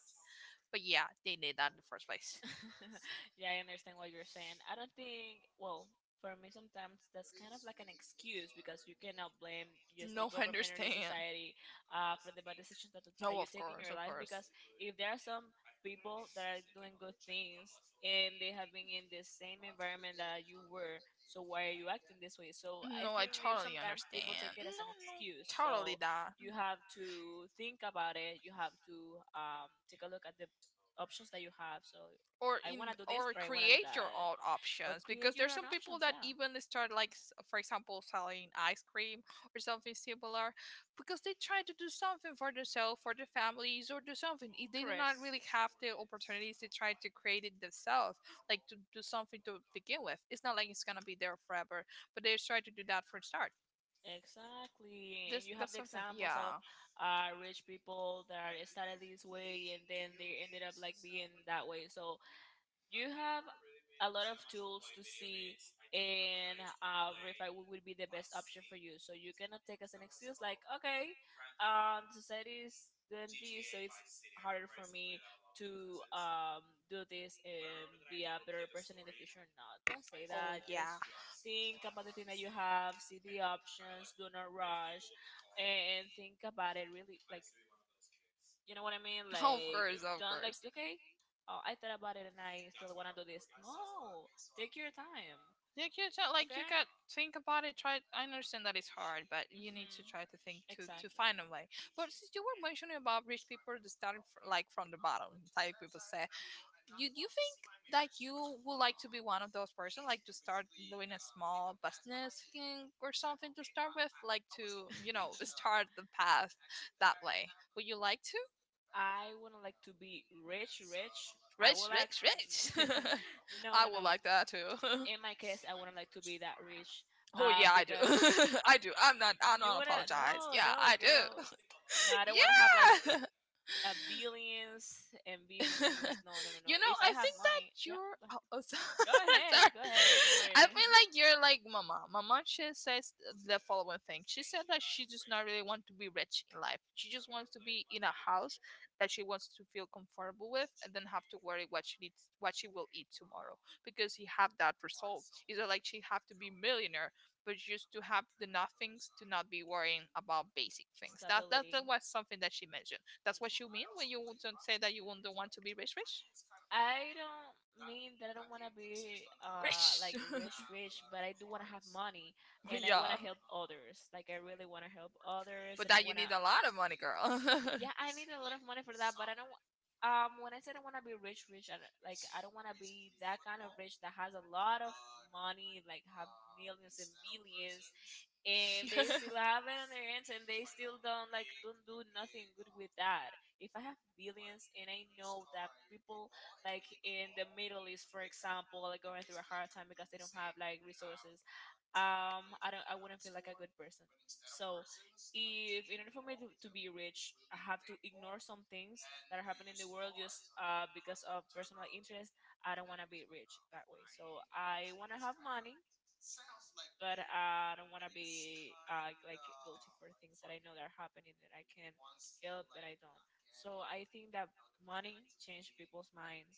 Speaker 1: But yeah, they need that in the first place.
Speaker 2: [laughs] Yeah, I understand what you're saying. I don't think, well, for me, sometimes that's kind of like an excuse because you cannot blame just the
Speaker 1: No, I
Speaker 2: government or the
Speaker 1: understand.
Speaker 2: society for the bad decisions that
Speaker 1: No,
Speaker 2: you
Speaker 1: of
Speaker 2: take in
Speaker 1: course,
Speaker 2: your
Speaker 1: of
Speaker 2: life.
Speaker 1: course.
Speaker 2: Because if there are some people that are doing good things and they have been in the same environment that you were, so why are you acting this way? So
Speaker 1: Like, no,
Speaker 2: I
Speaker 1: I
Speaker 2: think
Speaker 1: so
Speaker 2: maybe
Speaker 1: totally that might be
Speaker 2: sometimes people
Speaker 1: understand.
Speaker 2: take it
Speaker 1: No,
Speaker 2: as an
Speaker 1: an no, excuse.
Speaker 2: excuse.
Speaker 1: Totally
Speaker 2: So
Speaker 1: that.
Speaker 2: you have to think about it, you have to take a look at the options that you have. So
Speaker 1: Or like
Speaker 2: I
Speaker 1: in one
Speaker 2: want
Speaker 1: of
Speaker 2: to
Speaker 1: the
Speaker 2: do
Speaker 1: things or
Speaker 2: this
Speaker 1: where I'm
Speaker 2: or I want to do
Speaker 1: create your own
Speaker 2: that.
Speaker 1: [laughs]
Speaker 2: Or
Speaker 1: options, because
Speaker 2: create your
Speaker 1: there's
Speaker 2: own
Speaker 1: some people
Speaker 2: options,
Speaker 1: that
Speaker 2: yeah.
Speaker 1: even start like for example selling ice cream or something similar, because they try to do something for themselves, for their families, or do something. If they do
Speaker 2: Correct.
Speaker 1: not really have the opportunities, they try to create it themselves. Like to do something to begin with. It's not like it's gonna be there forever, but they try to do that for a start.
Speaker 2: Exactly. And
Speaker 1: This
Speaker 2: you have
Speaker 1: that's
Speaker 2: the
Speaker 1: something,
Speaker 2: examples of
Speaker 1: yeah.
Speaker 2: rich people that started this way and then they ended up like being that way. So you have a lot of tools to see and verify what would be the best option for you. So you cannot take as an excuse like, okay, society is doing this, so it's harder for me to do this and be a better person in the future. No, don't say
Speaker 1: Oh
Speaker 2: that.
Speaker 1: yeah.
Speaker 2: Just
Speaker 1: [laughs]
Speaker 2: think about the thing that you have, see the options, do not rush, and think about it really, like, you know what I mean?
Speaker 1: Of
Speaker 2: Like,
Speaker 1: course, of
Speaker 2: don't, like,
Speaker 1: course.
Speaker 2: okay, oh, I thought about it and I still want to do this. No, take your time,
Speaker 1: You can try, like you got
Speaker 2: okay?
Speaker 1: think about it. Try. I understand that it's hard, but you need to
Speaker 2: Hmm.
Speaker 1: try to think to
Speaker 2: Exactly.
Speaker 1: find a way. But since you were mentioning about rich people that started like from the bottom, like people say, you think that you would like to be one of those person, like to start doing a small business thing or something to start with, like to you know
Speaker 2: [laughs]
Speaker 1: start the path that way. Would you like to?
Speaker 2: I wouldn't like to be rich, rich. I would
Speaker 1: Rich,
Speaker 2: like,
Speaker 1: rich, rich.
Speaker 2: [laughs]
Speaker 1: [laughs]
Speaker 2: no,
Speaker 1: I
Speaker 2: no,
Speaker 1: would
Speaker 2: no.
Speaker 1: like that too. [laughs]
Speaker 2: In my case, I wouldn't like to be that rich,
Speaker 1: Oh yeah, I do. [laughs]
Speaker 2: because
Speaker 1: I do. I'm not. I
Speaker 2: you
Speaker 1: don't
Speaker 2: wanna,
Speaker 1: apologize.
Speaker 2: no,
Speaker 1: Yeah,
Speaker 2: no,
Speaker 1: I do.
Speaker 2: girl. No, I don't want to have like
Speaker 1: [laughs] Yeah. [laughs]
Speaker 2: billions and billions and billions. No, no, no,
Speaker 1: [laughs]
Speaker 2: no.
Speaker 1: You know,
Speaker 2: If
Speaker 1: I
Speaker 2: I have
Speaker 1: think that
Speaker 2: money, yeah,
Speaker 1: you're. [laughs] Oh, oh,
Speaker 2: go
Speaker 1: [laughs]
Speaker 2: ahead.
Speaker 1: sorry.
Speaker 2: Go ahead. Go ahead. Don't
Speaker 1: I
Speaker 2: worry.
Speaker 1: feel
Speaker 2: [laughs]
Speaker 1: like you're like Mama. Mama, she says the following thing. She said that she does not really want to be rich in life. She just wants to be in a house that she wants to feel comfortable with, and then have to worry what she needs, what she will eat tomorrow, because she have that result. It's not like she have to be millionaire, but just to have the nothings to not be worrying about basic things. That that,
Speaker 2: Stability.
Speaker 1: that was something that she mentioned. That's what you mean when you don't say that you don't want to be rich, rich?
Speaker 2: I don't mean that I don't want to be
Speaker 1: Rich.
Speaker 2: like rich rich,
Speaker 1: [laughs]
Speaker 2: but I do want to have money and I want to
Speaker 1: Yeah.
Speaker 2: help others. Like I really want to help others
Speaker 1: But
Speaker 2: and
Speaker 1: that
Speaker 2: I
Speaker 1: you
Speaker 2: want to,
Speaker 1: need a lot of money, girl. [laughs]
Speaker 2: yeah, I need a lot of money for that, but I don't. When I said I want to be rich, rich, I don't want to be that kind of rich that has a lot of money, like have millions and millions, and they still have it on their hands, and they still don't do nothing good with that. If I have billions, and I know that people like in the Middle East, for example, are going through a hard time because they don't have like resources, I wouldn't feel like a good person, so if in order for me to be rich I have to ignore some things that are happening in the world just because of personal interest, I don't want to be rich that way, so I want to have money but I don't want to be like guilty for things that I know that are happening that I can help but I don't, so I think that money changed people's minds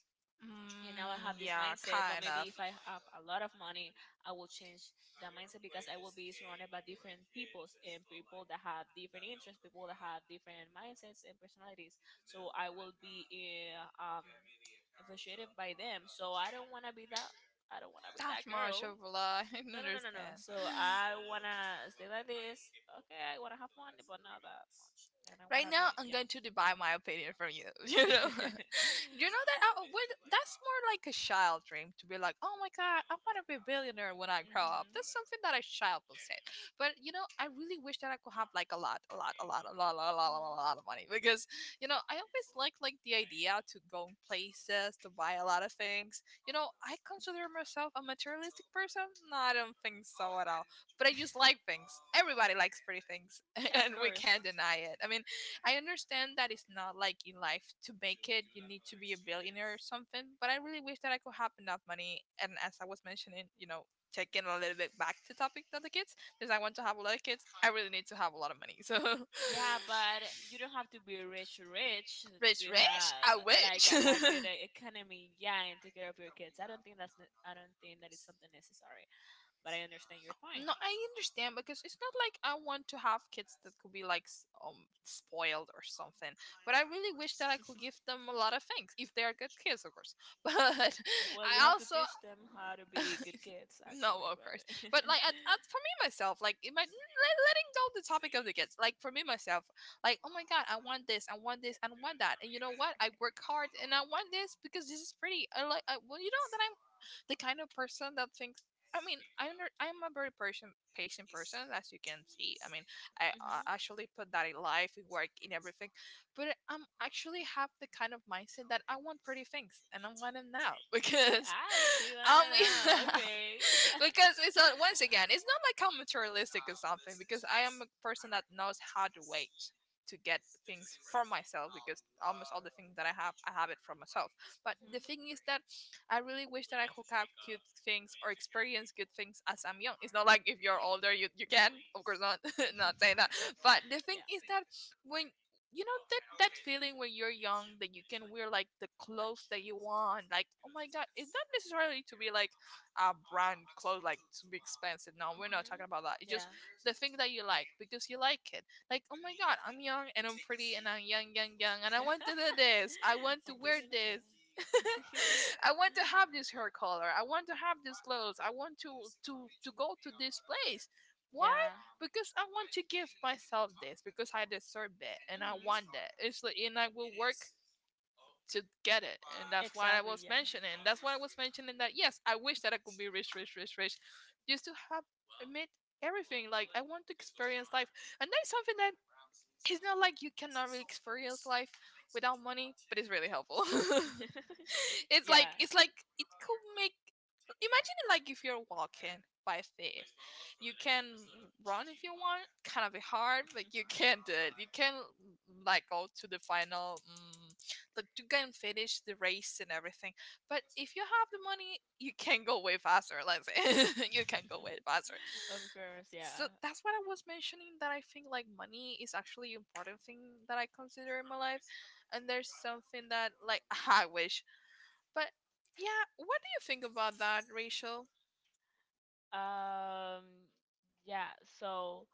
Speaker 2: and now I have
Speaker 1: Mm,
Speaker 2: this
Speaker 1: yeah,
Speaker 2: mindset. But
Speaker 1: kind
Speaker 2: maybe
Speaker 1: of.
Speaker 2: if I have a lot of money, I will change that mindset because I will be surrounded by different peoples and people that have different interests, people that have different mindsets and personalities. So I will be uh, um, infatuated by them. So I don't want to be that. I don't want to be
Speaker 1: That
Speaker 2: that
Speaker 1: much
Speaker 2: girl.
Speaker 1: of a lie. [laughs] I
Speaker 2: No, no, no, no, no.
Speaker 1: understand.
Speaker 2: So I wanna stay like this. Okay, I wanna have money, but not that much. And I
Speaker 1: Right
Speaker 2: wanna be,
Speaker 1: now, I'm
Speaker 2: yeah.
Speaker 1: going to divide my opinion from you. [laughs] You know, [laughs] you
Speaker 2: [laughs]
Speaker 1: know that I would, that's more like a child dream to be like, oh my god, I want to be a billionaire when I grow up.
Speaker 2: Mhm.
Speaker 1: That's something that a child will say. But you know, I really wish that I could have like a lot, a lot, a lot, a lot, a lot, a lot,
Speaker 2: Mhm.
Speaker 1: a lot of money, because you know I always like the idea to go in places to buy a lot of things. You know, I consider myself a materialistic person. No, I don't think so at all, but I just like
Speaker 2: [laughs]
Speaker 1: things. Everybody likes pretty things, [laughs]
Speaker 2: Yeah, of
Speaker 1: and we
Speaker 2: course.
Speaker 1: can't deny it. I mean, I understand that it's not like in life to make it, you need to be a billionaire or something, but I really wish that I could have enough money. And as I was mentioning, you know, taking a little bit back to topic of the kids, because I want to have a lot of kids, I really need to have a lot of money. So, [laughs]
Speaker 2: Yeah, but you don't have to be rich, rich to
Speaker 1: rich, rich,
Speaker 2: have
Speaker 1: I
Speaker 2: like
Speaker 1: wish.
Speaker 2: a good
Speaker 1: [laughs]
Speaker 2: economy, yeah, and take care of your kids. I don't think that is something necessary, but I understand your
Speaker 1: No,
Speaker 2: point.
Speaker 1: I understand, because it's not like I want to have kids that could be like spoiled or something. But I really wish that
Speaker 2: [laughs]
Speaker 1: I could give them a lot of things if they are good kids, of course. [laughs] But
Speaker 2: Well,
Speaker 1: I
Speaker 2: you have to
Speaker 1: also
Speaker 2: teach them how to be good kids,
Speaker 1: [laughs]
Speaker 2: actually.
Speaker 1: no, of course.
Speaker 2: But
Speaker 1: But like,
Speaker 2: [laughs]
Speaker 1: for me myself, like, it might, let, letting go the topic of the kids. Like for me myself, like, oh my god, I want this, and I want that. And you know what? I work hard, and I want this because this is pretty. I like. I, well, you know that I'm the kind of person that thinks I mean, I'm a very person, patient person, as you can see. I mean, I,
Speaker 2: Mhm.
Speaker 1: I actually put that in life, in work, in everything. But I'm actually have the kind of mindset that I want pretty things, and I want them now [laughs] because,
Speaker 2: Ah, she wanna
Speaker 1: um,
Speaker 2: know. Okay.
Speaker 1: [laughs] because it's
Speaker 2: [laughs]
Speaker 1: not, once again, it's not like I'm materialistic or something. Because I am a person that knows how to wait to get things for myself, because almost all the things that I have it for myself. But the
Speaker 2: Mhm.
Speaker 1: thing is that I really wish that I could have good things or experience good things as I'm young. It's not like if you're older, you can, of course not, [laughs] not saying that. But the
Speaker 2: [laughs]
Speaker 1: thing
Speaker 2: Yeah.
Speaker 1: is that when you know that that feeling when you're young that you can wear like the clothes that you want, like oh my god, it's not necessarily to be like our brand clothes like to be expensive. No, we're not
Speaker 2: Hmm.
Speaker 1: talking about that. It's just
Speaker 2: Yeah.
Speaker 1: the thing that you like because you like it. Like, oh my god, I'm young and I'm pretty and I'm young, young, young, and I want to do this. I want
Speaker 2: [laughs]
Speaker 1: to
Speaker 2: I'm
Speaker 1: wear
Speaker 2: breathing them.
Speaker 1: this. [laughs]
Speaker 2: Yeah. [laughs]
Speaker 1: I want to have this hair color. I want to have these clothes. I want to go to this place. Why?
Speaker 2: Yeah.
Speaker 1: Because I want to give myself this because I deserve it and I
Speaker 2: Mhm.
Speaker 1: want it. It's like and I will work to get it, and
Speaker 2: Exactly, yeah.
Speaker 1: that's why I was mentioning that yes, I wish that I could be rich, rich, rich, rich, just to have admit everything, like I want to experience life, and that is something that it's not like you cannot really experience life without money, but it's really helpful. [laughs]
Speaker 2: [laughs]
Speaker 1: It's like,
Speaker 2: Yeah.
Speaker 1: it could make, imagine it, like if you're walking by faith, you can run if you want, kind of hard, but you can do it. You can like go to the final like you can finish the race and everything. But if you have the money, you can go way faster. Let's say [laughs] you can go way
Speaker 2: [laughs]
Speaker 1: faster.
Speaker 2: Of course,
Speaker 1: So
Speaker 2: yeah.
Speaker 1: that's what I was mentioning, that I think like money is actually an important thing that I consider in my life. And there's something that like [laughs] I wish. But yeah, what do you think about that, Rachel?
Speaker 2: Um, yeah, so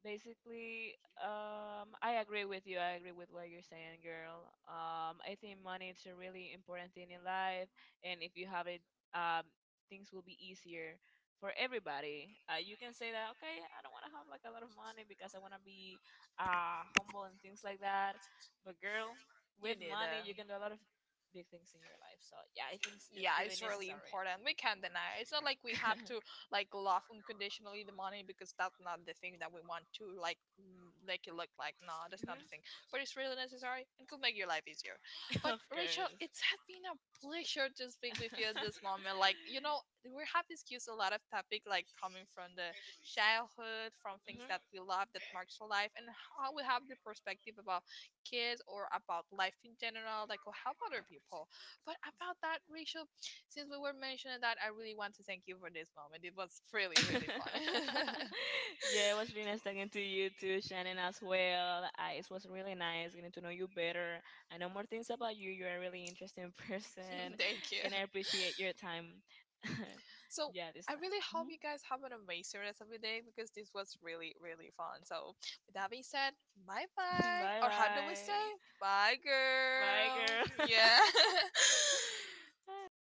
Speaker 2: basically, I agree with you. I agree with what you're saying, girl. I think money is a really important thing in life, and if you have it, um, things will be easier for everybody. You can say that, okay, I don't want to have like a lot of money because I want to be humble and things like that. But girl,
Speaker 1: You
Speaker 2: with
Speaker 1: need
Speaker 2: money, you
Speaker 1: it.
Speaker 2: can do a lot of big things in your life. So yeah, I think it's
Speaker 1: Yeah,
Speaker 2: really
Speaker 1: it's really
Speaker 2: necessary.
Speaker 1: important. We can't deny. It. It's not like we have to like love unconditionally the money, because that's not the thing that we want to like make it look like. No, that's not
Speaker 2: Hmm.
Speaker 1: the thing. But it's really necessary and could make your life easier.
Speaker 2: [laughs] Of
Speaker 1: But [laughs] Rachel,
Speaker 2: course.
Speaker 1: it's has been a pleasure to speak with you at this moment. Like you
Speaker 2: [laughs]
Speaker 1: know, we have discussed a lot of topic like coming from the childhood, from things
Speaker 2: Mhm.
Speaker 1: that we love that marks our life, and how we have the perspective about kids or about life in general, like or help other people. But about that, Rachel, since we were mentioning that, I really want to thank you for this moment. It was really, really fun.
Speaker 2: [laughs]
Speaker 1: [laughs]
Speaker 2: Yeah, it was really nice talking to you too, Shannon, as well. I, it was really nice getting to know you better. I know more things about you. You're a really interesting [laughs] person,
Speaker 1: Thank you.
Speaker 2: and I appreciate your time. [laughs]
Speaker 1: So
Speaker 2: Yeah, this
Speaker 1: I
Speaker 2: time.
Speaker 1: really hope
Speaker 2: Hmm.
Speaker 1: you guys have an amazing rest of your day because this was really, really fun. So with that being said, bye
Speaker 2: [laughs]
Speaker 1: bye.
Speaker 2: Bye
Speaker 1: Or how do we say?
Speaker 2: bye.
Speaker 1: Bye
Speaker 2: Bye,
Speaker 1: girl.
Speaker 2: girl.
Speaker 1: Yeah. [laughs]
Speaker 2: [laughs] Hi.